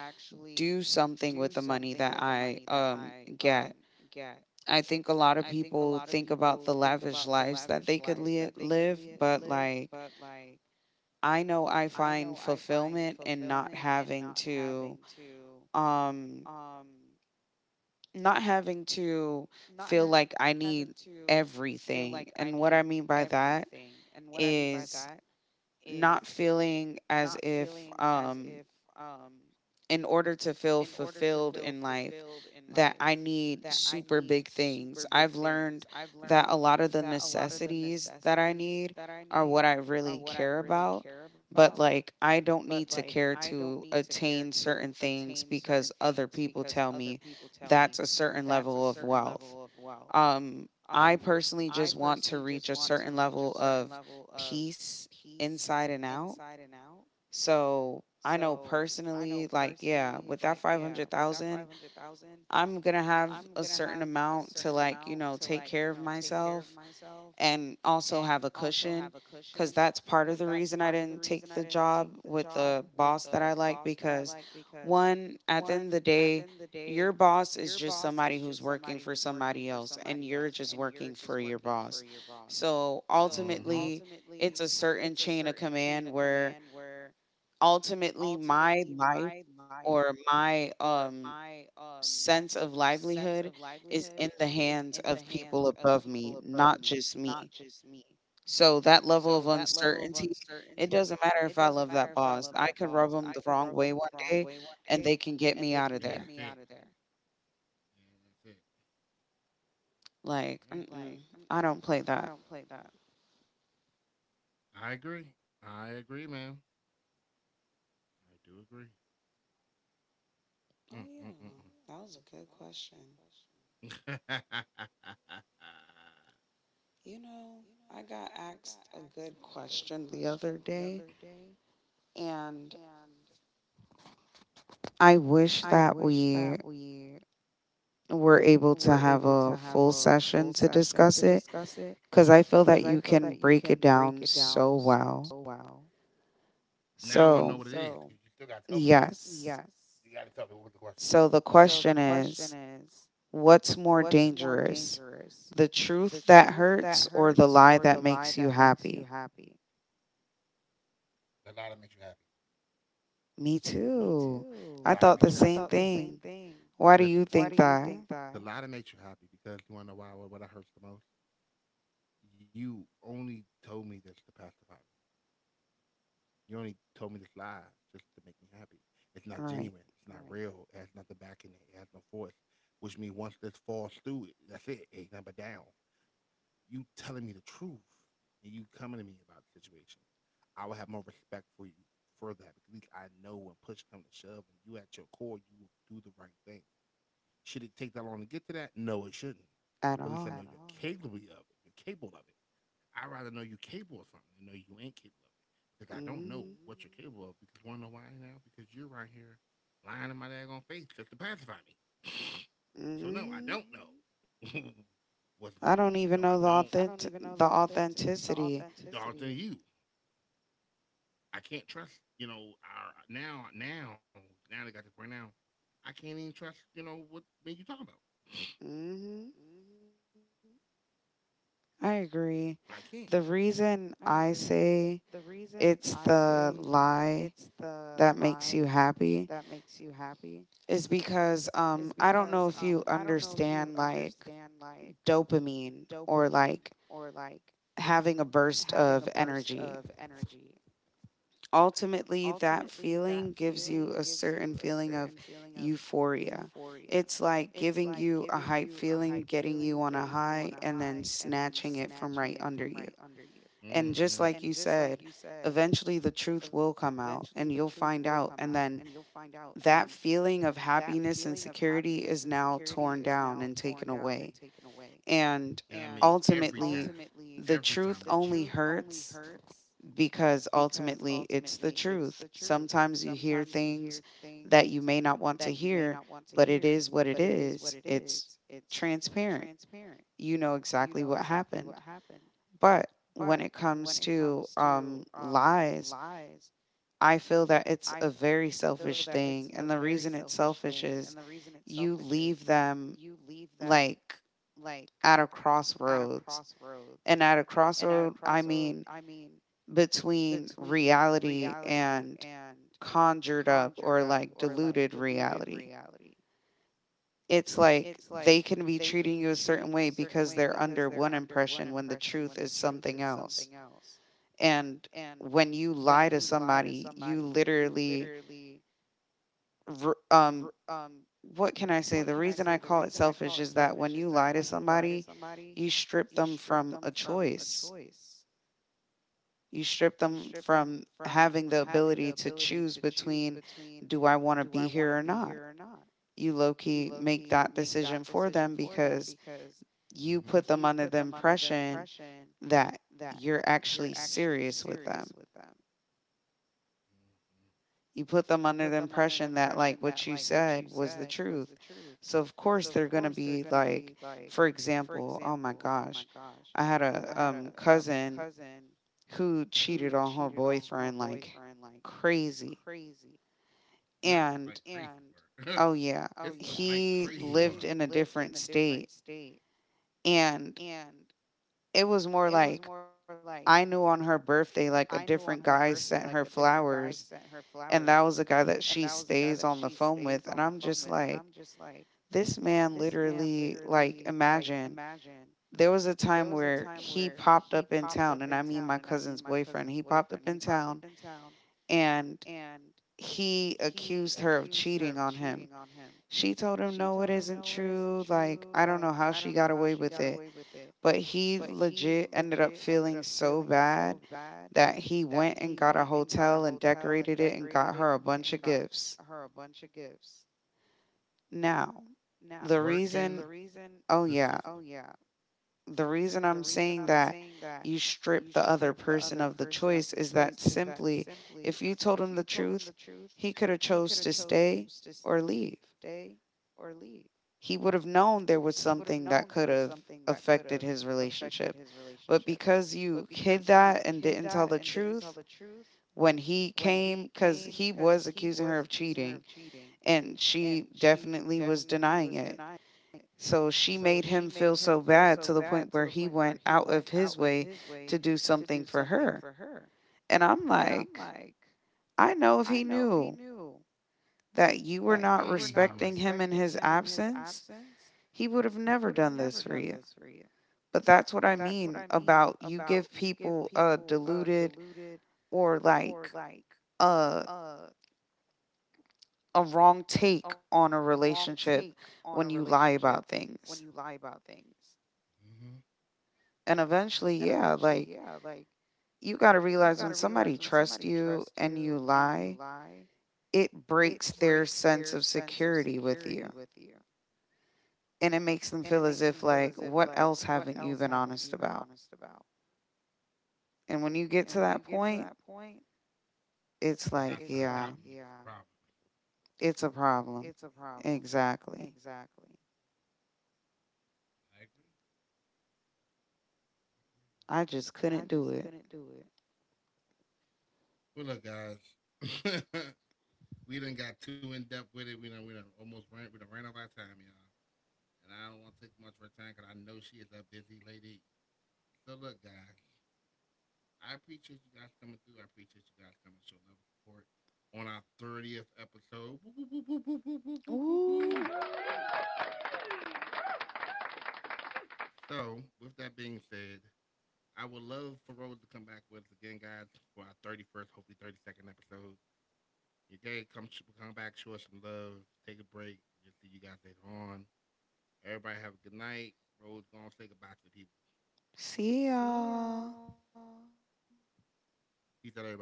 [SPEAKER 1] do
[SPEAKER 2] do
[SPEAKER 1] something
[SPEAKER 2] something with
[SPEAKER 1] with the
[SPEAKER 2] the
[SPEAKER 1] money
[SPEAKER 2] money that
[SPEAKER 1] that
[SPEAKER 2] I
[SPEAKER 1] I
[SPEAKER 2] um,
[SPEAKER 1] um,
[SPEAKER 2] get.
[SPEAKER 1] get. I
[SPEAKER 2] I think
[SPEAKER 1] think
[SPEAKER 2] a
[SPEAKER 1] a lot
[SPEAKER 2] lot of
[SPEAKER 1] of people
[SPEAKER 2] people think
[SPEAKER 1] think
[SPEAKER 2] about
[SPEAKER 1] about
[SPEAKER 2] the
[SPEAKER 1] the
[SPEAKER 2] lavish
[SPEAKER 1] lavish
[SPEAKER 2] lives
[SPEAKER 1] lives
[SPEAKER 2] that
[SPEAKER 1] that
[SPEAKER 2] they
[SPEAKER 1] they
[SPEAKER 2] could
[SPEAKER 1] could
[SPEAKER 2] li-
[SPEAKER 1] li-
[SPEAKER 2] live,
[SPEAKER 1] live,
[SPEAKER 2] but
[SPEAKER 1] but
[SPEAKER 2] like,
[SPEAKER 1] like
[SPEAKER 2] I
[SPEAKER 1] I
[SPEAKER 2] know
[SPEAKER 1] know
[SPEAKER 2] I
[SPEAKER 1] I
[SPEAKER 2] find
[SPEAKER 1] find
[SPEAKER 2] fulfillment
[SPEAKER 1] fulfillment
[SPEAKER 2] in
[SPEAKER 1] in
[SPEAKER 2] not
[SPEAKER 1] not
[SPEAKER 2] having
[SPEAKER 1] having
[SPEAKER 2] to
[SPEAKER 1] to
[SPEAKER 2] um
[SPEAKER 1] um
[SPEAKER 2] not
[SPEAKER 1] not
[SPEAKER 2] ha-
[SPEAKER 1] having
[SPEAKER 2] having
[SPEAKER 1] to
[SPEAKER 2] to
[SPEAKER 1] feel like I
[SPEAKER 2] feel like
[SPEAKER 1] need
[SPEAKER 2] I need
[SPEAKER 1] everything.
[SPEAKER 2] everything.
[SPEAKER 1] And what I
[SPEAKER 2] And
[SPEAKER 1] mean
[SPEAKER 2] what I
[SPEAKER 1] by
[SPEAKER 2] mean by
[SPEAKER 1] that
[SPEAKER 2] that
[SPEAKER 1] is
[SPEAKER 2] is
[SPEAKER 1] not
[SPEAKER 2] not feeling
[SPEAKER 1] feeling
[SPEAKER 2] as
[SPEAKER 1] as
[SPEAKER 2] if
[SPEAKER 1] if
[SPEAKER 2] um
[SPEAKER 1] um
[SPEAKER 2] in
[SPEAKER 1] in
[SPEAKER 2] order
[SPEAKER 1] order
[SPEAKER 2] to
[SPEAKER 1] to
[SPEAKER 2] feel
[SPEAKER 1] feel
[SPEAKER 2] fulfilled
[SPEAKER 1] fulfilled
[SPEAKER 2] in
[SPEAKER 1] in
[SPEAKER 2] life
[SPEAKER 1] life
[SPEAKER 2] that
[SPEAKER 1] that
[SPEAKER 2] I
[SPEAKER 1] I
[SPEAKER 2] need
[SPEAKER 1] need
[SPEAKER 2] super
[SPEAKER 1] super
[SPEAKER 2] big
[SPEAKER 1] big
[SPEAKER 2] things.
[SPEAKER 1] things.
[SPEAKER 2] I've
[SPEAKER 1] I've
[SPEAKER 2] learned
[SPEAKER 1] learned
[SPEAKER 2] that a
[SPEAKER 1] that a
[SPEAKER 2] lot of
[SPEAKER 1] lot
[SPEAKER 2] the
[SPEAKER 1] of the
[SPEAKER 2] necessities
[SPEAKER 1] necessities
[SPEAKER 2] that I
[SPEAKER 1] that I
[SPEAKER 2] need
[SPEAKER 1] need
[SPEAKER 2] are what
[SPEAKER 1] are
[SPEAKER 2] I
[SPEAKER 1] what I
[SPEAKER 2] really
[SPEAKER 1] really
[SPEAKER 2] care
[SPEAKER 1] care
[SPEAKER 2] about,
[SPEAKER 1] about,
[SPEAKER 2] but
[SPEAKER 1] but
[SPEAKER 2] like
[SPEAKER 1] like I
[SPEAKER 2] I
[SPEAKER 1] don't
[SPEAKER 2] don't
[SPEAKER 1] need
[SPEAKER 2] need to
[SPEAKER 1] to
[SPEAKER 2] care
[SPEAKER 1] care
[SPEAKER 2] to
[SPEAKER 1] to
[SPEAKER 2] attain
[SPEAKER 1] attain
[SPEAKER 2] certain
[SPEAKER 1] certain
[SPEAKER 2] things
[SPEAKER 1] things
[SPEAKER 2] because
[SPEAKER 1] because
[SPEAKER 2] other
[SPEAKER 1] other
[SPEAKER 2] people
[SPEAKER 1] people
[SPEAKER 2] tell
[SPEAKER 1] tell
[SPEAKER 2] me
[SPEAKER 1] me
[SPEAKER 2] that's
[SPEAKER 1] that's
[SPEAKER 2] a
[SPEAKER 1] a
[SPEAKER 2] certain
[SPEAKER 1] certain
[SPEAKER 2] level
[SPEAKER 1] level
[SPEAKER 2] of
[SPEAKER 1] of
[SPEAKER 2] wealth.
[SPEAKER 1] wealth.
[SPEAKER 2] Um, Mhm.
[SPEAKER 1] Um I
[SPEAKER 2] I personally
[SPEAKER 1] personally
[SPEAKER 2] just
[SPEAKER 1] just
[SPEAKER 2] want
[SPEAKER 1] want
[SPEAKER 2] to
[SPEAKER 1] to
[SPEAKER 2] reach
[SPEAKER 1] reach
[SPEAKER 2] a
[SPEAKER 1] a certain
[SPEAKER 2] certain level
[SPEAKER 1] level
[SPEAKER 2] of
[SPEAKER 1] of
[SPEAKER 2] peace
[SPEAKER 1] peace
[SPEAKER 2] inside
[SPEAKER 1] inside
[SPEAKER 2] and
[SPEAKER 1] and
[SPEAKER 2] out.
[SPEAKER 1] out. So
[SPEAKER 2] So
[SPEAKER 1] I
[SPEAKER 2] I
[SPEAKER 1] know
[SPEAKER 2] know
[SPEAKER 1] personally,
[SPEAKER 2] personally,
[SPEAKER 1] like,
[SPEAKER 2] like,
[SPEAKER 1] yeah,
[SPEAKER 2] yeah,
[SPEAKER 1] with
[SPEAKER 2] with
[SPEAKER 1] that
[SPEAKER 2] that five hundred thousand,
[SPEAKER 1] five hundred thousand, I'm
[SPEAKER 2] I'm
[SPEAKER 1] going to
[SPEAKER 2] gonna have
[SPEAKER 1] have a
[SPEAKER 2] a
[SPEAKER 1] certain
[SPEAKER 2] certain amount
[SPEAKER 1] amount to,
[SPEAKER 2] to like,
[SPEAKER 1] like, you
[SPEAKER 2] you know,
[SPEAKER 1] know, take
[SPEAKER 2] take care
[SPEAKER 1] care
[SPEAKER 2] of
[SPEAKER 1] of
[SPEAKER 2] myself
[SPEAKER 1] myself
[SPEAKER 2] and
[SPEAKER 1] and
[SPEAKER 2] also
[SPEAKER 1] also
[SPEAKER 2] have
[SPEAKER 1] have
[SPEAKER 2] a
[SPEAKER 1] a
[SPEAKER 2] cushion
[SPEAKER 1] cushion.
[SPEAKER 2] because
[SPEAKER 1] Cause
[SPEAKER 2] that's
[SPEAKER 1] that's
[SPEAKER 2] part
[SPEAKER 1] part
[SPEAKER 2] of
[SPEAKER 1] of
[SPEAKER 2] the
[SPEAKER 1] the
[SPEAKER 2] reason
[SPEAKER 1] reason
[SPEAKER 2] I
[SPEAKER 1] I
[SPEAKER 2] didn't
[SPEAKER 1] didn't
[SPEAKER 2] take
[SPEAKER 1] take
[SPEAKER 2] the
[SPEAKER 1] the
[SPEAKER 2] job
[SPEAKER 1] job
[SPEAKER 2] with
[SPEAKER 1] with
[SPEAKER 2] the
[SPEAKER 1] the boss
[SPEAKER 2] boss that
[SPEAKER 1] that
[SPEAKER 2] I
[SPEAKER 1] I
[SPEAKER 2] like.
[SPEAKER 1] like.
[SPEAKER 2] Because,
[SPEAKER 1] Because,
[SPEAKER 2] one,
[SPEAKER 1] one,
[SPEAKER 2] at
[SPEAKER 1] at
[SPEAKER 2] the
[SPEAKER 1] the
[SPEAKER 2] end
[SPEAKER 1] end
[SPEAKER 2] of
[SPEAKER 1] of
[SPEAKER 2] the
[SPEAKER 1] the
[SPEAKER 2] day,
[SPEAKER 1] day,
[SPEAKER 2] your
[SPEAKER 1] your
[SPEAKER 2] boss
[SPEAKER 1] boss
[SPEAKER 2] is
[SPEAKER 1] is
[SPEAKER 2] just
[SPEAKER 1] just
[SPEAKER 2] somebody
[SPEAKER 1] somebody
[SPEAKER 2] who's
[SPEAKER 1] who's
[SPEAKER 2] working
[SPEAKER 1] working
[SPEAKER 2] for
[SPEAKER 1] for
[SPEAKER 2] somebody
[SPEAKER 1] somebody
[SPEAKER 2] else,
[SPEAKER 1] else,
[SPEAKER 2] and
[SPEAKER 1] and
[SPEAKER 2] you're
[SPEAKER 1] you're
[SPEAKER 2] just
[SPEAKER 1] just
[SPEAKER 2] working
[SPEAKER 1] working
[SPEAKER 2] for
[SPEAKER 1] for
[SPEAKER 2] your
[SPEAKER 1] your
[SPEAKER 2] boss.
[SPEAKER 1] boss.
[SPEAKER 2] So,
[SPEAKER 1] So
[SPEAKER 2] mm-hmm, ultimately,
[SPEAKER 1] ultimately,
[SPEAKER 2] it's
[SPEAKER 1] it's
[SPEAKER 2] a
[SPEAKER 1] a
[SPEAKER 2] certain
[SPEAKER 1] certain
[SPEAKER 2] chain
[SPEAKER 1] chain
[SPEAKER 2] of
[SPEAKER 1] of
[SPEAKER 2] command
[SPEAKER 1] command
[SPEAKER 2] where
[SPEAKER 1] where
[SPEAKER 2] ultimately
[SPEAKER 1] ultimately
[SPEAKER 2] my
[SPEAKER 1] my
[SPEAKER 2] life
[SPEAKER 1] life or
[SPEAKER 2] or
[SPEAKER 1] my
[SPEAKER 2] my
[SPEAKER 1] um
[SPEAKER 2] um,
[SPEAKER 1] sense
[SPEAKER 2] sense
[SPEAKER 1] of
[SPEAKER 2] of
[SPEAKER 1] livelihood
[SPEAKER 2] livelihood
[SPEAKER 1] is
[SPEAKER 2] is
[SPEAKER 1] in
[SPEAKER 2] in
[SPEAKER 1] the
[SPEAKER 2] the
[SPEAKER 1] hands
[SPEAKER 2] hands of
[SPEAKER 1] of people
[SPEAKER 2] people above
[SPEAKER 1] above
[SPEAKER 2] me,
[SPEAKER 1] me, not
[SPEAKER 2] not
[SPEAKER 1] just
[SPEAKER 2] just me.
[SPEAKER 1] me.
[SPEAKER 2] So
[SPEAKER 1] So
[SPEAKER 2] that
[SPEAKER 1] that level
[SPEAKER 2] level of
[SPEAKER 1] of uncertainty,
[SPEAKER 2] uncertainty, it
[SPEAKER 1] it
[SPEAKER 2] doesn't
[SPEAKER 1] doesn't
[SPEAKER 2] matter
[SPEAKER 1] matter if
[SPEAKER 2] if I
[SPEAKER 1] I love
[SPEAKER 2] love that
[SPEAKER 1] that
[SPEAKER 2] boss.
[SPEAKER 1] boss.
[SPEAKER 2] I
[SPEAKER 1] I
[SPEAKER 2] could
[SPEAKER 1] could rub
[SPEAKER 2] rub them
[SPEAKER 1] them
[SPEAKER 2] the
[SPEAKER 1] the
[SPEAKER 2] wrong
[SPEAKER 1] wrong
[SPEAKER 2] way
[SPEAKER 1] way one
[SPEAKER 2] one day
[SPEAKER 1] day
[SPEAKER 2] and
[SPEAKER 1] and
[SPEAKER 2] they
[SPEAKER 1] they
[SPEAKER 2] can,
[SPEAKER 1] can
[SPEAKER 2] and get,
[SPEAKER 1] get
[SPEAKER 2] that's me
[SPEAKER 1] me
[SPEAKER 2] out
[SPEAKER 1] out
[SPEAKER 2] it. Of
[SPEAKER 1] of
[SPEAKER 2] there.
[SPEAKER 1] there.
[SPEAKER 2] And that's it. Yeah. Like,
[SPEAKER 1] Like
[SPEAKER 2] mm-mm,
[SPEAKER 1] mm-mm,
[SPEAKER 2] I
[SPEAKER 1] I
[SPEAKER 2] don't
[SPEAKER 1] don't play
[SPEAKER 2] play that.
[SPEAKER 1] that.
[SPEAKER 2] I agree. I agree, man. I do agree. Mm, mm, mm,
[SPEAKER 1] Oh yeah,
[SPEAKER 2] Oh, yeah. That
[SPEAKER 1] that
[SPEAKER 2] was
[SPEAKER 1] was
[SPEAKER 2] a
[SPEAKER 1] a
[SPEAKER 2] good
[SPEAKER 1] good question.
[SPEAKER 2] question. Mm. You
[SPEAKER 1] You
[SPEAKER 2] know,
[SPEAKER 1] know,
[SPEAKER 2] I
[SPEAKER 1] I
[SPEAKER 2] got
[SPEAKER 1] got
[SPEAKER 2] asked
[SPEAKER 1] asked
[SPEAKER 2] a
[SPEAKER 1] a
[SPEAKER 2] good
[SPEAKER 1] good
[SPEAKER 2] question
[SPEAKER 1] question
[SPEAKER 2] the
[SPEAKER 1] the
[SPEAKER 2] other
[SPEAKER 1] other
[SPEAKER 2] day,
[SPEAKER 1] day,
[SPEAKER 2] and
[SPEAKER 1] and I
[SPEAKER 2] I
[SPEAKER 1] wish
[SPEAKER 2] wish
[SPEAKER 1] that
[SPEAKER 2] that
[SPEAKER 1] we
[SPEAKER 2] we
[SPEAKER 1] we're
[SPEAKER 2] we're
[SPEAKER 1] able
[SPEAKER 2] able
[SPEAKER 1] to
[SPEAKER 2] to
[SPEAKER 1] have
[SPEAKER 2] have
[SPEAKER 1] a
[SPEAKER 2] a
[SPEAKER 1] full
[SPEAKER 2] full session
[SPEAKER 1] session
[SPEAKER 2] to
[SPEAKER 1] to
[SPEAKER 2] discuss
[SPEAKER 1] discuss
[SPEAKER 2] it
[SPEAKER 1] it because
[SPEAKER 2] because
[SPEAKER 1] I
[SPEAKER 2] I
[SPEAKER 1] feel
[SPEAKER 2] feel
[SPEAKER 1] that
[SPEAKER 2] that you
[SPEAKER 1] you can
[SPEAKER 2] can break
[SPEAKER 1] break
[SPEAKER 2] it
[SPEAKER 1] it
[SPEAKER 2] down
[SPEAKER 1] down so
[SPEAKER 2] so well.
[SPEAKER 1] well.
[SPEAKER 2] Now I know what so, it is. So,
[SPEAKER 1] So,
[SPEAKER 2] you still gotta tell me though. Yes. You
[SPEAKER 1] yes.
[SPEAKER 2] gotta tell me what was the question.
[SPEAKER 1] So
[SPEAKER 2] So the
[SPEAKER 1] the question
[SPEAKER 2] question is,
[SPEAKER 1] is, what's
[SPEAKER 2] what's more
[SPEAKER 1] more
[SPEAKER 2] dangerous?
[SPEAKER 1] dangerous?
[SPEAKER 2] The
[SPEAKER 1] The
[SPEAKER 2] truth
[SPEAKER 1] truth
[SPEAKER 2] that
[SPEAKER 1] that hurts
[SPEAKER 2] hurts or
[SPEAKER 1] or
[SPEAKER 2] the
[SPEAKER 1] the
[SPEAKER 2] lie
[SPEAKER 1] lie that
[SPEAKER 2] that makes
[SPEAKER 1] makes
[SPEAKER 2] you
[SPEAKER 1] you
[SPEAKER 2] happy?
[SPEAKER 1] happy?
[SPEAKER 2] The lie that makes you happy.
[SPEAKER 1] Me
[SPEAKER 2] Me too. The
[SPEAKER 1] too.
[SPEAKER 2] lie that makes you happy.
[SPEAKER 1] I
[SPEAKER 2] I thought
[SPEAKER 1] thought
[SPEAKER 2] the
[SPEAKER 1] the
[SPEAKER 2] same
[SPEAKER 1] same
[SPEAKER 2] thing.
[SPEAKER 1] thing.
[SPEAKER 2] Listen, why
[SPEAKER 1] Why
[SPEAKER 2] do
[SPEAKER 1] do you
[SPEAKER 2] you
[SPEAKER 1] think
[SPEAKER 2] think that? The
[SPEAKER 1] that?
[SPEAKER 2] lie that makes you happy because you wanna know why what, what hurts the most? You only told me this to pacify me. You only told me this lie just to make me happy. It's not genuine.
[SPEAKER 1] Right.
[SPEAKER 2] It's not, right, real. It has nothing back in it. It has no force. Which means once this falls through, it- that's it. It ain't number down. You telling me the truth and you coming to me about the situation. I will have more respect for you for that because at least I know when push comes to shove and you at your core, you will do the right thing. Should it take that long to get to that? No, it shouldn't.
[SPEAKER 1] At
[SPEAKER 2] But at least I
[SPEAKER 1] all.
[SPEAKER 2] know you're capable of it. You're capable of it. I'd rather know you capable of something than know you ain't capable of it because I don't know,
[SPEAKER 1] Hmm.
[SPEAKER 2] mm-hmm, what you're capable of. Because you want to know why now? Because you're right here lying in my daggone face just to pacify me. So no, I
[SPEAKER 1] Hmm.
[SPEAKER 2] don't know, what's going
[SPEAKER 1] I
[SPEAKER 2] on.
[SPEAKER 1] don't
[SPEAKER 2] No, I
[SPEAKER 1] even know
[SPEAKER 2] don't.
[SPEAKER 1] the
[SPEAKER 2] I don't even
[SPEAKER 1] authentic
[SPEAKER 2] know the
[SPEAKER 1] the
[SPEAKER 2] authentic the
[SPEAKER 1] authenticity.
[SPEAKER 2] authenticity. The authentic you. I can't trust. You know, our, now, now, now they got this right now. I can't even trust. You know what man you talking about?
[SPEAKER 1] Hmm.
[SPEAKER 2] Mhm.
[SPEAKER 1] I
[SPEAKER 2] I can't.
[SPEAKER 1] agree. The
[SPEAKER 2] I agree.
[SPEAKER 1] reason I
[SPEAKER 2] The reason
[SPEAKER 1] say
[SPEAKER 2] I
[SPEAKER 1] it's
[SPEAKER 2] say
[SPEAKER 1] the
[SPEAKER 2] it's
[SPEAKER 1] lie
[SPEAKER 2] the lie
[SPEAKER 1] that makes you
[SPEAKER 2] that makes
[SPEAKER 1] happy
[SPEAKER 2] you happy
[SPEAKER 1] is
[SPEAKER 2] is
[SPEAKER 1] because
[SPEAKER 2] because
[SPEAKER 1] um I
[SPEAKER 2] um
[SPEAKER 1] don't
[SPEAKER 2] I
[SPEAKER 1] know
[SPEAKER 2] don't
[SPEAKER 1] if
[SPEAKER 2] know
[SPEAKER 1] you
[SPEAKER 2] if you
[SPEAKER 1] understand,
[SPEAKER 2] understand
[SPEAKER 1] like,
[SPEAKER 2] like dopamine
[SPEAKER 1] dopamine or
[SPEAKER 2] or
[SPEAKER 1] like
[SPEAKER 2] like
[SPEAKER 1] having a
[SPEAKER 2] having a
[SPEAKER 1] burst
[SPEAKER 2] burst
[SPEAKER 1] of
[SPEAKER 2] of
[SPEAKER 1] energy.
[SPEAKER 2] energy.
[SPEAKER 1] Ultimately,
[SPEAKER 2] Ultimately, that
[SPEAKER 1] that feeling
[SPEAKER 2] feeling
[SPEAKER 1] gives
[SPEAKER 2] gives
[SPEAKER 1] you
[SPEAKER 2] you
[SPEAKER 1] a
[SPEAKER 2] a
[SPEAKER 1] certain
[SPEAKER 2] certain
[SPEAKER 1] feeling
[SPEAKER 2] feeling
[SPEAKER 1] of
[SPEAKER 2] of euphoria.
[SPEAKER 1] euphoria. It's
[SPEAKER 2] It's like
[SPEAKER 1] like giving
[SPEAKER 2] giving
[SPEAKER 1] you
[SPEAKER 2] you
[SPEAKER 1] a
[SPEAKER 2] a
[SPEAKER 1] hype
[SPEAKER 2] hype
[SPEAKER 1] feeling,
[SPEAKER 2] feeling,
[SPEAKER 1] getting
[SPEAKER 2] getting
[SPEAKER 1] you
[SPEAKER 2] you
[SPEAKER 1] on
[SPEAKER 2] on
[SPEAKER 1] a
[SPEAKER 2] a
[SPEAKER 1] high
[SPEAKER 2] high,
[SPEAKER 1] and
[SPEAKER 2] and then
[SPEAKER 1] then snatching
[SPEAKER 2] snatching
[SPEAKER 1] it
[SPEAKER 2] it
[SPEAKER 1] from
[SPEAKER 2] from
[SPEAKER 1] right
[SPEAKER 2] right
[SPEAKER 1] under
[SPEAKER 2] under
[SPEAKER 1] you.
[SPEAKER 2] you. Mm-hmm.
[SPEAKER 1] And
[SPEAKER 2] And
[SPEAKER 1] just
[SPEAKER 2] just like
[SPEAKER 1] like you
[SPEAKER 2] you said,
[SPEAKER 1] said, eventually the truth
[SPEAKER 2] eventually the
[SPEAKER 1] will come
[SPEAKER 2] truth
[SPEAKER 1] out
[SPEAKER 2] will
[SPEAKER 1] and
[SPEAKER 2] come
[SPEAKER 1] you'll
[SPEAKER 2] out and
[SPEAKER 1] find
[SPEAKER 2] you'll
[SPEAKER 1] out. And
[SPEAKER 2] find out.
[SPEAKER 1] then
[SPEAKER 2] And then
[SPEAKER 1] that
[SPEAKER 2] that
[SPEAKER 1] feeling of
[SPEAKER 2] feeling of
[SPEAKER 1] happiness and
[SPEAKER 2] happiness and
[SPEAKER 1] security is
[SPEAKER 2] security is
[SPEAKER 1] now
[SPEAKER 2] now
[SPEAKER 1] torn
[SPEAKER 2] torn
[SPEAKER 1] down
[SPEAKER 2] down
[SPEAKER 1] and
[SPEAKER 2] and
[SPEAKER 1] taken
[SPEAKER 2] taken
[SPEAKER 1] away.
[SPEAKER 2] away. And, and I mean,
[SPEAKER 1] And
[SPEAKER 2] every time, ultimately,
[SPEAKER 1] ultimately,
[SPEAKER 2] time, every time
[SPEAKER 1] the
[SPEAKER 2] the
[SPEAKER 1] truth
[SPEAKER 2] truth
[SPEAKER 1] only
[SPEAKER 2] only
[SPEAKER 1] hurts
[SPEAKER 2] hurts
[SPEAKER 1] because
[SPEAKER 2] because
[SPEAKER 1] ultimately
[SPEAKER 2] ultimately
[SPEAKER 1] it's
[SPEAKER 2] it's
[SPEAKER 1] the
[SPEAKER 2] the truth.
[SPEAKER 1] truth. Sometimes
[SPEAKER 2] Sometimes
[SPEAKER 1] you
[SPEAKER 2] you
[SPEAKER 1] hear
[SPEAKER 2] hear things
[SPEAKER 1] things that you
[SPEAKER 2] that
[SPEAKER 1] may
[SPEAKER 2] you
[SPEAKER 1] not
[SPEAKER 2] may
[SPEAKER 1] want
[SPEAKER 2] not
[SPEAKER 1] to
[SPEAKER 2] want to
[SPEAKER 1] hear,
[SPEAKER 2] hear,
[SPEAKER 1] but it
[SPEAKER 2] but it
[SPEAKER 1] is what
[SPEAKER 2] is
[SPEAKER 1] it
[SPEAKER 2] what it
[SPEAKER 1] is.
[SPEAKER 2] is.
[SPEAKER 1] It's
[SPEAKER 2] It's
[SPEAKER 1] transparent.
[SPEAKER 2] transparent.
[SPEAKER 1] You
[SPEAKER 2] You
[SPEAKER 1] know
[SPEAKER 2] know
[SPEAKER 1] exactly
[SPEAKER 2] exactly
[SPEAKER 1] what
[SPEAKER 2] what happened.
[SPEAKER 1] happened. But
[SPEAKER 2] But
[SPEAKER 1] when
[SPEAKER 2] when
[SPEAKER 1] it
[SPEAKER 2] it
[SPEAKER 1] comes
[SPEAKER 2] comes
[SPEAKER 1] to,
[SPEAKER 2] to um,
[SPEAKER 1] um, lies,
[SPEAKER 2] lies,
[SPEAKER 1] I
[SPEAKER 2] I
[SPEAKER 1] feel that it's a
[SPEAKER 2] feel that
[SPEAKER 1] very
[SPEAKER 2] it's a
[SPEAKER 1] selfish
[SPEAKER 2] very
[SPEAKER 1] thing, and the
[SPEAKER 2] selfish
[SPEAKER 1] reason
[SPEAKER 2] thing.
[SPEAKER 1] it's
[SPEAKER 2] And the reason
[SPEAKER 1] selfish
[SPEAKER 2] it's
[SPEAKER 1] is
[SPEAKER 2] selfish is
[SPEAKER 1] you leave
[SPEAKER 2] you leave
[SPEAKER 1] them,
[SPEAKER 2] them,
[SPEAKER 1] like,
[SPEAKER 2] like,
[SPEAKER 1] at a
[SPEAKER 2] at a
[SPEAKER 1] crossroads,
[SPEAKER 2] crossroads.
[SPEAKER 1] and
[SPEAKER 2] And
[SPEAKER 1] at a
[SPEAKER 2] at a
[SPEAKER 1] crossroad,
[SPEAKER 2] crossroad,
[SPEAKER 1] I
[SPEAKER 2] I mean
[SPEAKER 1] mean
[SPEAKER 2] between
[SPEAKER 1] between reality
[SPEAKER 2] reality and
[SPEAKER 1] and conjured
[SPEAKER 2] conjured up
[SPEAKER 1] up or,
[SPEAKER 2] or like
[SPEAKER 1] like,
[SPEAKER 2] diluted
[SPEAKER 1] diluted
[SPEAKER 2] reality.
[SPEAKER 1] reality. It's
[SPEAKER 2] It's like
[SPEAKER 1] like
[SPEAKER 2] they
[SPEAKER 1] they can
[SPEAKER 2] can
[SPEAKER 1] be
[SPEAKER 2] be
[SPEAKER 1] treating
[SPEAKER 2] treating
[SPEAKER 1] you
[SPEAKER 2] you
[SPEAKER 1] a
[SPEAKER 2] a
[SPEAKER 1] certain
[SPEAKER 2] certain
[SPEAKER 1] way
[SPEAKER 2] way because
[SPEAKER 1] because they're
[SPEAKER 2] they're
[SPEAKER 1] under
[SPEAKER 2] under
[SPEAKER 1] one
[SPEAKER 2] one impression
[SPEAKER 1] impression
[SPEAKER 2] when
[SPEAKER 1] when
[SPEAKER 2] the
[SPEAKER 1] the truth
[SPEAKER 2] truth is
[SPEAKER 1] is something
[SPEAKER 2] something else.
[SPEAKER 1] else.
[SPEAKER 2] And
[SPEAKER 1] And
[SPEAKER 2] when
[SPEAKER 1] when
[SPEAKER 2] you
[SPEAKER 1] you
[SPEAKER 2] lie
[SPEAKER 1] lie
[SPEAKER 2] to
[SPEAKER 1] to
[SPEAKER 2] somebody,
[SPEAKER 1] somebody, you
[SPEAKER 2] you literally
[SPEAKER 1] literally, um,
[SPEAKER 2] um
[SPEAKER 1] what
[SPEAKER 2] what
[SPEAKER 1] can
[SPEAKER 2] can
[SPEAKER 1] I
[SPEAKER 2] I
[SPEAKER 1] say?
[SPEAKER 2] say?
[SPEAKER 1] The
[SPEAKER 2] The
[SPEAKER 1] reason
[SPEAKER 2] reason
[SPEAKER 1] I
[SPEAKER 2] I call
[SPEAKER 1] call
[SPEAKER 2] it
[SPEAKER 1] it
[SPEAKER 2] selfish
[SPEAKER 1] selfish
[SPEAKER 2] is
[SPEAKER 1] is
[SPEAKER 2] that
[SPEAKER 1] that when
[SPEAKER 2] when
[SPEAKER 1] you
[SPEAKER 2] you lie
[SPEAKER 1] lie
[SPEAKER 2] to
[SPEAKER 1] to
[SPEAKER 2] somebody,
[SPEAKER 1] somebody,
[SPEAKER 2] you
[SPEAKER 1] you
[SPEAKER 2] strip
[SPEAKER 1] strip
[SPEAKER 2] them
[SPEAKER 1] them
[SPEAKER 2] from
[SPEAKER 1] from
[SPEAKER 2] a
[SPEAKER 1] a
[SPEAKER 2] choice.
[SPEAKER 1] choice.
[SPEAKER 2] You
[SPEAKER 1] You
[SPEAKER 2] strip
[SPEAKER 1] strip
[SPEAKER 2] them
[SPEAKER 1] them
[SPEAKER 2] from
[SPEAKER 1] from
[SPEAKER 2] having
[SPEAKER 1] having
[SPEAKER 2] the
[SPEAKER 1] the
[SPEAKER 2] ability
[SPEAKER 1] ability
[SPEAKER 2] to
[SPEAKER 1] to
[SPEAKER 2] choose
[SPEAKER 1] choose
[SPEAKER 2] between
[SPEAKER 1] between,
[SPEAKER 2] do
[SPEAKER 1] do
[SPEAKER 2] I
[SPEAKER 1] I
[SPEAKER 2] want to
[SPEAKER 1] want to
[SPEAKER 2] be
[SPEAKER 1] be
[SPEAKER 2] here
[SPEAKER 1] here
[SPEAKER 2] or
[SPEAKER 1] or
[SPEAKER 2] not?
[SPEAKER 1] not?
[SPEAKER 2] You
[SPEAKER 1] You
[SPEAKER 2] low
[SPEAKER 1] low
[SPEAKER 2] key
[SPEAKER 1] key
[SPEAKER 2] make
[SPEAKER 1] make
[SPEAKER 2] that
[SPEAKER 1] that
[SPEAKER 2] decision
[SPEAKER 1] decision
[SPEAKER 2] for
[SPEAKER 1] for
[SPEAKER 2] them
[SPEAKER 1] them
[SPEAKER 2] because,
[SPEAKER 1] because
[SPEAKER 2] mm-hmm, you
[SPEAKER 1] you
[SPEAKER 2] put
[SPEAKER 1] put
[SPEAKER 2] them
[SPEAKER 1] them
[SPEAKER 2] under
[SPEAKER 1] under
[SPEAKER 2] the
[SPEAKER 1] the
[SPEAKER 2] impression
[SPEAKER 1] impression
[SPEAKER 2] that
[SPEAKER 1] that
[SPEAKER 2] you're
[SPEAKER 1] you're
[SPEAKER 2] actually
[SPEAKER 1] actually
[SPEAKER 2] serious
[SPEAKER 1] serious
[SPEAKER 2] with
[SPEAKER 1] with
[SPEAKER 2] them.
[SPEAKER 1] them.
[SPEAKER 2] Mm-hmm. You
[SPEAKER 1] You
[SPEAKER 2] put
[SPEAKER 1] put
[SPEAKER 2] them
[SPEAKER 1] them
[SPEAKER 2] under
[SPEAKER 1] under
[SPEAKER 2] the
[SPEAKER 1] the
[SPEAKER 2] impression
[SPEAKER 1] impression
[SPEAKER 2] that
[SPEAKER 1] that
[SPEAKER 2] like
[SPEAKER 1] like
[SPEAKER 2] what
[SPEAKER 1] what
[SPEAKER 2] you
[SPEAKER 1] you
[SPEAKER 2] said
[SPEAKER 1] said
[SPEAKER 2] was
[SPEAKER 1] was
[SPEAKER 2] the
[SPEAKER 1] the
[SPEAKER 2] truth.
[SPEAKER 1] truth.
[SPEAKER 2] So
[SPEAKER 1] So
[SPEAKER 2] of
[SPEAKER 1] of
[SPEAKER 2] course
[SPEAKER 1] course
[SPEAKER 2] they're
[SPEAKER 1] they're going
[SPEAKER 2] gonna
[SPEAKER 1] to
[SPEAKER 2] be
[SPEAKER 1] be
[SPEAKER 2] like,
[SPEAKER 1] like,
[SPEAKER 2] for
[SPEAKER 1] for
[SPEAKER 2] example,
[SPEAKER 1] example,
[SPEAKER 2] oh
[SPEAKER 1] oh
[SPEAKER 2] my
[SPEAKER 1] my
[SPEAKER 2] gosh,
[SPEAKER 1] gosh,
[SPEAKER 2] I
[SPEAKER 1] I
[SPEAKER 2] had
[SPEAKER 1] had
[SPEAKER 2] a
[SPEAKER 1] a
[SPEAKER 2] um
[SPEAKER 1] um
[SPEAKER 2] cousin
[SPEAKER 1] cousin
[SPEAKER 2] who
[SPEAKER 1] who
[SPEAKER 2] cheated
[SPEAKER 1] cheated
[SPEAKER 2] on
[SPEAKER 1] on her
[SPEAKER 2] her
[SPEAKER 1] boyfriend
[SPEAKER 2] boyfriend like
[SPEAKER 1] like crazy.
[SPEAKER 2] crazy. Not the like crazy
[SPEAKER 1] And
[SPEAKER 2] And part.
[SPEAKER 1] oh
[SPEAKER 2] Oh it's yeah,
[SPEAKER 1] yeah,
[SPEAKER 2] the like crazy he
[SPEAKER 1] he
[SPEAKER 2] part.
[SPEAKER 1] lived
[SPEAKER 2] Lived
[SPEAKER 1] in
[SPEAKER 2] in
[SPEAKER 1] a
[SPEAKER 2] a
[SPEAKER 1] different
[SPEAKER 2] different state
[SPEAKER 1] state
[SPEAKER 2] and
[SPEAKER 1] and it
[SPEAKER 2] it was
[SPEAKER 1] was more
[SPEAKER 2] more like
[SPEAKER 1] like I knew on
[SPEAKER 2] I
[SPEAKER 1] her
[SPEAKER 2] knew on her
[SPEAKER 1] birthday, like, a
[SPEAKER 2] birthday like
[SPEAKER 1] different
[SPEAKER 2] a
[SPEAKER 1] guy
[SPEAKER 2] different
[SPEAKER 1] sent
[SPEAKER 2] guy
[SPEAKER 1] her
[SPEAKER 2] sent her
[SPEAKER 1] flowers
[SPEAKER 2] flowers
[SPEAKER 1] and that was
[SPEAKER 2] and
[SPEAKER 1] a
[SPEAKER 2] that
[SPEAKER 1] guy
[SPEAKER 2] was the
[SPEAKER 1] that
[SPEAKER 2] guy that
[SPEAKER 1] she
[SPEAKER 2] she
[SPEAKER 1] stays on
[SPEAKER 2] stays
[SPEAKER 1] the
[SPEAKER 2] on the
[SPEAKER 1] phone
[SPEAKER 2] phone
[SPEAKER 1] with
[SPEAKER 2] with
[SPEAKER 1] and
[SPEAKER 2] and
[SPEAKER 1] I'm
[SPEAKER 2] I'm
[SPEAKER 1] just
[SPEAKER 2] just
[SPEAKER 1] like,
[SPEAKER 2] like
[SPEAKER 1] this
[SPEAKER 2] this man
[SPEAKER 1] man
[SPEAKER 2] literally
[SPEAKER 1] literally,
[SPEAKER 2] like
[SPEAKER 1] like,
[SPEAKER 2] imagine
[SPEAKER 1] imagine
[SPEAKER 2] there
[SPEAKER 1] there
[SPEAKER 2] was
[SPEAKER 1] was
[SPEAKER 2] a
[SPEAKER 1] a time
[SPEAKER 2] time where
[SPEAKER 1] where he
[SPEAKER 2] he popped
[SPEAKER 1] popped
[SPEAKER 2] up
[SPEAKER 1] up
[SPEAKER 2] in
[SPEAKER 1] in
[SPEAKER 2] town,
[SPEAKER 1] town,
[SPEAKER 2] and
[SPEAKER 1] and
[SPEAKER 2] I
[SPEAKER 1] I
[SPEAKER 2] mean
[SPEAKER 1] mean
[SPEAKER 2] my
[SPEAKER 1] my
[SPEAKER 2] cousin's
[SPEAKER 1] cousin's
[SPEAKER 2] boyfriend,
[SPEAKER 1] boyfriend,
[SPEAKER 2] he
[SPEAKER 1] he
[SPEAKER 2] popped
[SPEAKER 1] popped
[SPEAKER 2] up
[SPEAKER 1] up
[SPEAKER 2] in
[SPEAKER 1] in
[SPEAKER 2] town
[SPEAKER 1] town
[SPEAKER 2] and
[SPEAKER 1] and he
[SPEAKER 2] he
[SPEAKER 1] accused
[SPEAKER 2] accused
[SPEAKER 1] her
[SPEAKER 2] her
[SPEAKER 1] of
[SPEAKER 2] of cheating
[SPEAKER 1] cheating
[SPEAKER 2] on
[SPEAKER 1] on
[SPEAKER 2] him.
[SPEAKER 1] him.
[SPEAKER 2] She
[SPEAKER 1] She
[SPEAKER 2] told
[SPEAKER 1] told
[SPEAKER 2] him
[SPEAKER 1] him,
[SPEAKER 2] no
[SPEAKER 1] no,
[SPEAKER 2] it
[SPEAKER 1] it isn't
[SPEAKER 2] isn't true,
[SPEAKER 1] true.
[SPEAKER 2] like
[SPEAKER 1] Like,
[SPEAKER 2] I
[SPEAKER 1] I
[SPEAKER 2] don't
[SPEAKER 1] don't know
[SPEAKER 2] know how
[SPEAKER 1] how
[SPEAKER 2] she
[SPEAKER 1] she
[SPEAKER 2] got
[SPEAKER 1] got
[SPEAKER 2] away
[SPEAKER 1] away
[SPEAKER 2] with
[SPEAKER 1] with
[SPEAKER 2] it,
[SPEAKER 1] it.
[SPEAKER 2] but
[SPEAKER 1] But
[SPEAKER 2] he
[SPEAKER 1] he
[SPEAKER 2] legit
[SPEAKER 1] legit
[SPEAKER 2] ended
[SPEAKER 1] ended
[SPEAKER 2] up
[SPEAKER 1] up
[SPEAKER 2] feeling
[SPEAKER 1] feeling so
[SPEAKER 2] so bad
[SPEAKER 1] bad
[SPEAKER 2] that
[SPEAKER 1] that he
[SPEAKER 2] he went
[SPEAKER 1] went
[SPEAKER 2] and
[SPEAKER 1] and
[SPEAKER 2] got
[SPEAKER 1] got
[SPEAKER 2] a
[SPEAKER 1] a
[SPEAKER 2] hotel
[SPEAKER 1] hotel and
[SPEAKER 2] and decorated
[SPEAKER 1] decorated
[SPEAKER 2] it
[SPEAKER 1] it
[SPEAKER 2] and
[SPEAKER 1] and
[SPEAKER 2] got
[SPEAKER 1] got her a bunch
[SPEAKER 2] her a
[SPEAKER 1] of
[SPEAKER 2] bunch of
[SPEAKER 1] gifts.
[SPEAKER 2] gifts.
[SPEAKER 1] Now,
[SPEAKER 2] Now Working
[SPEAKER 1] the
[SPEAKER 2] the reason
[SPEAKER 1] reason,
[SPEAKER 2] the system.
[SPEAKER 1] oh,
[SPEAKER 2] Oh yeah,
[SPEAKER 1] yeah,
[SPEAKER 2] the
[SPEAKER 1] the reason
[SPEAKER 2] reason I'm
[SPEAKER 1] I'm
[SPEAKER 2] saying
[SPEAKER 1] saying
[SPEAKER 2] that
[SPEAKER 1] that
[SPEAKER 2] you
[SPEAKER 1] you
[SPEAKER 2] strip
[SPEAKER 1] strip the
[SPEAKER 2] the other
[SPEAKER 1] other
[SPEAKER 2] person
[SPEAKER 1] person
[SPEAKER 2] of
[SPEAKER 1] of
[SPEAKER 2] the
[SPEAKER 1] the choice
[SPEAKER 2] choice is
[SPEAKER 1] is
[SPEAKER 2] that
[SPEAKER 1] that simply
[SPEAKER 2] simply
[SPEAKER 1] if
[SPEAKER 2] if you
[SPEAKER 1] you told
[SPEAKER 2] told
[SPEAKER 1] him
[SPEAKER 2] him
[SPEAKER 1] the
[SPEAKER 2] the truth,
[SPEAKER 1] truth,
[SPEAKER 2] he
[SPEAKER 1] he
[SPEAKER 2] could
[SPEAKER 1] could have
[SPEAKER 2] have
[SPEAKER 1] chose
[SPEAKER 2] chose to
[SPEAKER 1] to stay or
[SPEAKER 2] stay
[SPEAKER 1] leave.
[SPEAKER 2] or leave.
[SPEAKER 1] He would have
[SPEAKER 2] He would
[SPEAKER 1] known
[SPEAKER 2] have
[SPEAKER 1] there was
[SPEAKER 2] known there was
[SPEAKER 1] something that
[SPEAKER 2] something
[SPEAKER 1] could
[SPEAKER 2] that
[SPEAKER 1] have
[SPEAKER 2] could have
[SPEAKER 1] affected his
[SPEAKER 2] affected his
[SPEAKER 1] relationship.
[SPEAKER 2] relationship.
[SPEAKER 1] But
[SPEAKER 2] But
[SPEAKER 1] because
[SPEAKER 2] because
[SPEAKER 1] you
[SPEAKER 2] you
[SPEAKER 1] hid
[SPEAKER 2] hid
[SPEAKER 1] that
[SPEAKER 2] that
[SPEAKER 1] and
[SPEAKER 2] and
[SPEAKER 1] didn't
[SPEAKER 2] didn't
[SPEAKER 1] tell
[SPEAKER 2] tell
[SPEAKER 1] the
[SPEAKER 2] the truth
[SPEAKER 1] truth when
[SPEAKER 2] when
[SPEAKER 1] he
[SPEAKER 2] he
[SPEAKER 1] came
[SPEAKER 2] came
[SPEAKER 1] cuz
[SPEAKER 2] cuz
[SPEAKER 1] he
[SPEAKER 2] he
[SPEAKER 1] was
[SPEAKER 2] was
[SPEAKER 1] accusing
[SPEAKER 2] accusing
[SPEAKER 1] her
[SPEAKER 2] her
[SPEAKER 1] of
[SPEAKER 2] of cheating
[SPEAKER 1] cheating
[SPEAKER 2] and
[SPEAKER 1] and she
[SPEAKER 2] she
[SPEAKER 1] definitely
[SPEAKER 2] definitely
[SPEAKER 1] was
[SPEAKER 2] was denying.
[SPEAKER 1] denying it. So
[SPEAKER 2] So she
[SPEAKER 1] she
[SPEAKER 2] made
[SPEAKER 1] made him
[SPEAKER 2] him feel
[SPEAKER 1] feel
[SPEAKER 2] so
[SPEAKER 1] so
[SPEAKER 2] bad
[SPEAKER 1] bad to
[SPEAKER 2] to
[SPEAKER 1] the
[SPEAKER 2] the point
[SPEAKER 1] point
[SPEAKER 2] where
[SPEAKER 1] where
[SPEAKER 2] he
[SPEAKER 1] he
[SPEAKER 2] went
[SPEAKER 1] went
[SPEAKER 2] out
[SPEAKER 1] out
[SPEAKER 2] of
[SPEAKER 1] of
[SPEAKER 2] his
[SPEAKER 1] his
[SPEAKER 2] way
[SPEAKER 1] way to
[SPEAKER 2] to do
[SPEAKER 1] do
[SPEAKER 2] something
[SPEAKER 1] something for
[SPEAKER 2] for her.
[SPEAKER 1] her.
[SPEAKER 2] And
[SPEAKER 1] And
[SPEAKER 2] I'm
[SPEAKER 1] I'm
[SPEAKER 2] like,
[SPEAKER 1] like,
[SPEAKER 2] I
[SPEAKER 1] I
[SPEAKER 2] know
[SPEAKER 1] know
[SPEAKER 2] if
[SPEAKER 1] if
[SPEAKER 2] he
[SPEAKER 1] he
[SPEAKER 2] knew
[SPEAKER 1] knew
[SPEAKER 2] that
[SPEAKER 1] that
[SPEAKER 2] you were
[SPEAKER 1] you
[SPEAKER 2] Only
[SPEAKER 1] were
[SPEAKER 2] he
[SPEAKER 1] not
[SPEAKER 2] not knew. Respecting
[SPEAKER 1] respecting
[SPEAKER 2] him
[SPEAKER 1] him
[SPEAKER 2] in
[SPEAKER 1] in
[SPEAKER 2] his
[SPEAKER 1] his
[SPEAKER 2] absence,
[SPEAKER 1] absence,
[SPEAKER 2] he
[SPEAKER 1] he would
[SPEAKER 2] would have
[SPEAKER 1] have
[SPEAKER 2] never
[SPEAKER 1] never
[SPEAKER 2] done
[SPEAKER 1] done
[SPEAKER 2] this
[SPEAKER 1] this for
[SPEAKER 2] for you.
[SPEAKER 1] you. But
[SPEAKER 2] But that's
[SPEAKER 1] that's
[SPEAKER 2] what
[SPEAKER 1] what I
[SPEAKER 2] I mean
[SPEAKER 1] mean
[SPEAKER 2] about
[SPEAKER 1] about
[SPEAKER 2] you
[SPEAKER 1] you give
[SPEAKER 2] give people
[SPEAKER 1] people
[SPEAKER 2] a
[SPEAKER 1] a
[SPEAKER 2] diluted
[SPEAKER 1] diluted
[SPEAKER 2] or
[SPEAKER 1] or
[SPEAKER 2] like
[SPEAKER 1] like
[SPEAKER 2] a
[SPEAKER 1] a
[SPEAKER 2] a
[SPEAKER 1] a wrong
[SPEAKER 2] wrong take
[SPEAKER 1] take on
[SPEAKER 2] on
[SPEAKER 1] a
[SPEAKER 2] a relationship
[SPEAKER 1] relationship when
[SPEAKER 2] when
[SPEAKER 1] you
[SPEAKER 2] you
[SPEAKER 1] lie
[SPEAKER 2] lie
[SPEAKER 1] about
[SPEAKER 2] about
[SPEAKER 1] things.
[SPEAKER 2] things. Hmm.
[SPEAKER 1] And
[SPEAKER 2] And
[SPEAKER 1] eventually,
[SPEAKER 2] eventually,
[SPEAKER 1] yeah,
[SPEAKER 2] yeah, like
[SPEAKER 1] like you
[SPEAKER 2] you
[SPEAKER 1] got
[SPEAKER 2] got
[SPEAKER 1] to
[SPEAKER 2] to
[SPEAKER 1] realize
[SPEAKER 2] realize
[SPEAKER 1] when
[SPEAKER 2] when somebody
[SPEAKER 1] somebody trusts
[SPEAKER 2] trusts you
[SPEAKER 1] you and
[SPEAKER 2] and
[SPEAKER 1] you
[SPEAKER 2] you lie,
[SPEAKER 1] lie,
[SPEAKER 2] it
[SPEAKER 1] it breaks
[SPEAKER 2] breaks
[SPEAKER 1] their
[SPEAKER 2] their
[SPEAKER 1] sense
[SPEAKER 2] sense
[SPEAKER 1] of
[SPEAKER 2] of
[SPEAKER 1] security
[SPEAKER 2] security with
[SPEAKER 1] with
[SPEAKER 2] you.
[SPEAKER 1] you. And
[SPEAKER 2] And
[SPEAKER 1] it
[SPEAKER 2] it
[SPEAKER 1] makes
[SPEAKER 2] makes
[SPEAKER 1] them
[SPEAKER 2] them
[SPEAKER 1] feel
[SPEAKER 2] feel
[SPEAKER 1] as
[SPEAKER 2] as if,
[SPEAKER 1] if,
[SPEAKER 2] like,
[SPEAKER 1] like, what
[SPEAKER 2] what else
[SPEAKER 1] else haven't
[SPEAKER 2] haven't you
[SPEAKER 1] you been
[SPEAKER 2] been
[SPEAKER 1] honest
[SPEAKER 2] honest
[SPEAKER 1] about?
[SPEAKER 2] about? And
[SPEAKER 1] And when
[SPEAKER 2] when you
[SPEAKER 1] you get
[SPEAKER 2] get
[SPEAKER 1] to
[SPEAKER 2] to that
[SPEAKER 1] that
[SPEAKER 2] point,
[SPEAKER 1] point,
[SPEAKER 2] I got
[SPEAKER 1] it's
[SPEAKER 2] It's like, doubting
[SPEAKER 1] like,
[SPEAKER 2] this yeah.
[SPEAKER 1] yeah,
[SPEAKER 2] It's
[SPEAKER 1] it's a
[SPEAKER 2] a it's a
[SPEAKER 1] problem.
[SPEAKER 2] problem.
[SPEAKER 1] Exactly.
[SPEAKER 2] Exactly. I agree.
[SPEAKER 1] I
[SPEAKER 2] I
[SPEAKER 1] just
[SPEAKER 2] just
[SPEAKER 1] couldn't
[SPEAKER 2] couldn't
[SPEAKER 1] do
[SPEAKER 2] do
[SPEAKER 1] it.
[SPEAKER 2] it. Well, look, guys, we done got too in depth with it. We done, we done almost ran, we done ran out of our time, y'all. And I don't want to take much of her time because I know she is a busy lady. So look, guys, I appreciate you guys coming through. I appreciate you guys coming to show love and support on our thirtieth episode.
[SPEAKER 1] Ooh,
[SPEAKER 2] So, with that being said, I would love for Rose to come back with us again, guys, for our thirty-first, hopefully thirty-second episode. You guys come, Come back, show us some love, take a break. We'll see you guys later on. Everybody have a good night. Rose, go on say goodbye to the people.
[SPEAKER 1] see
[SPEAKER 2] See
[SPEAKER 1] y'all.
[SPEAKER 2] y'all. Peace out, everybody.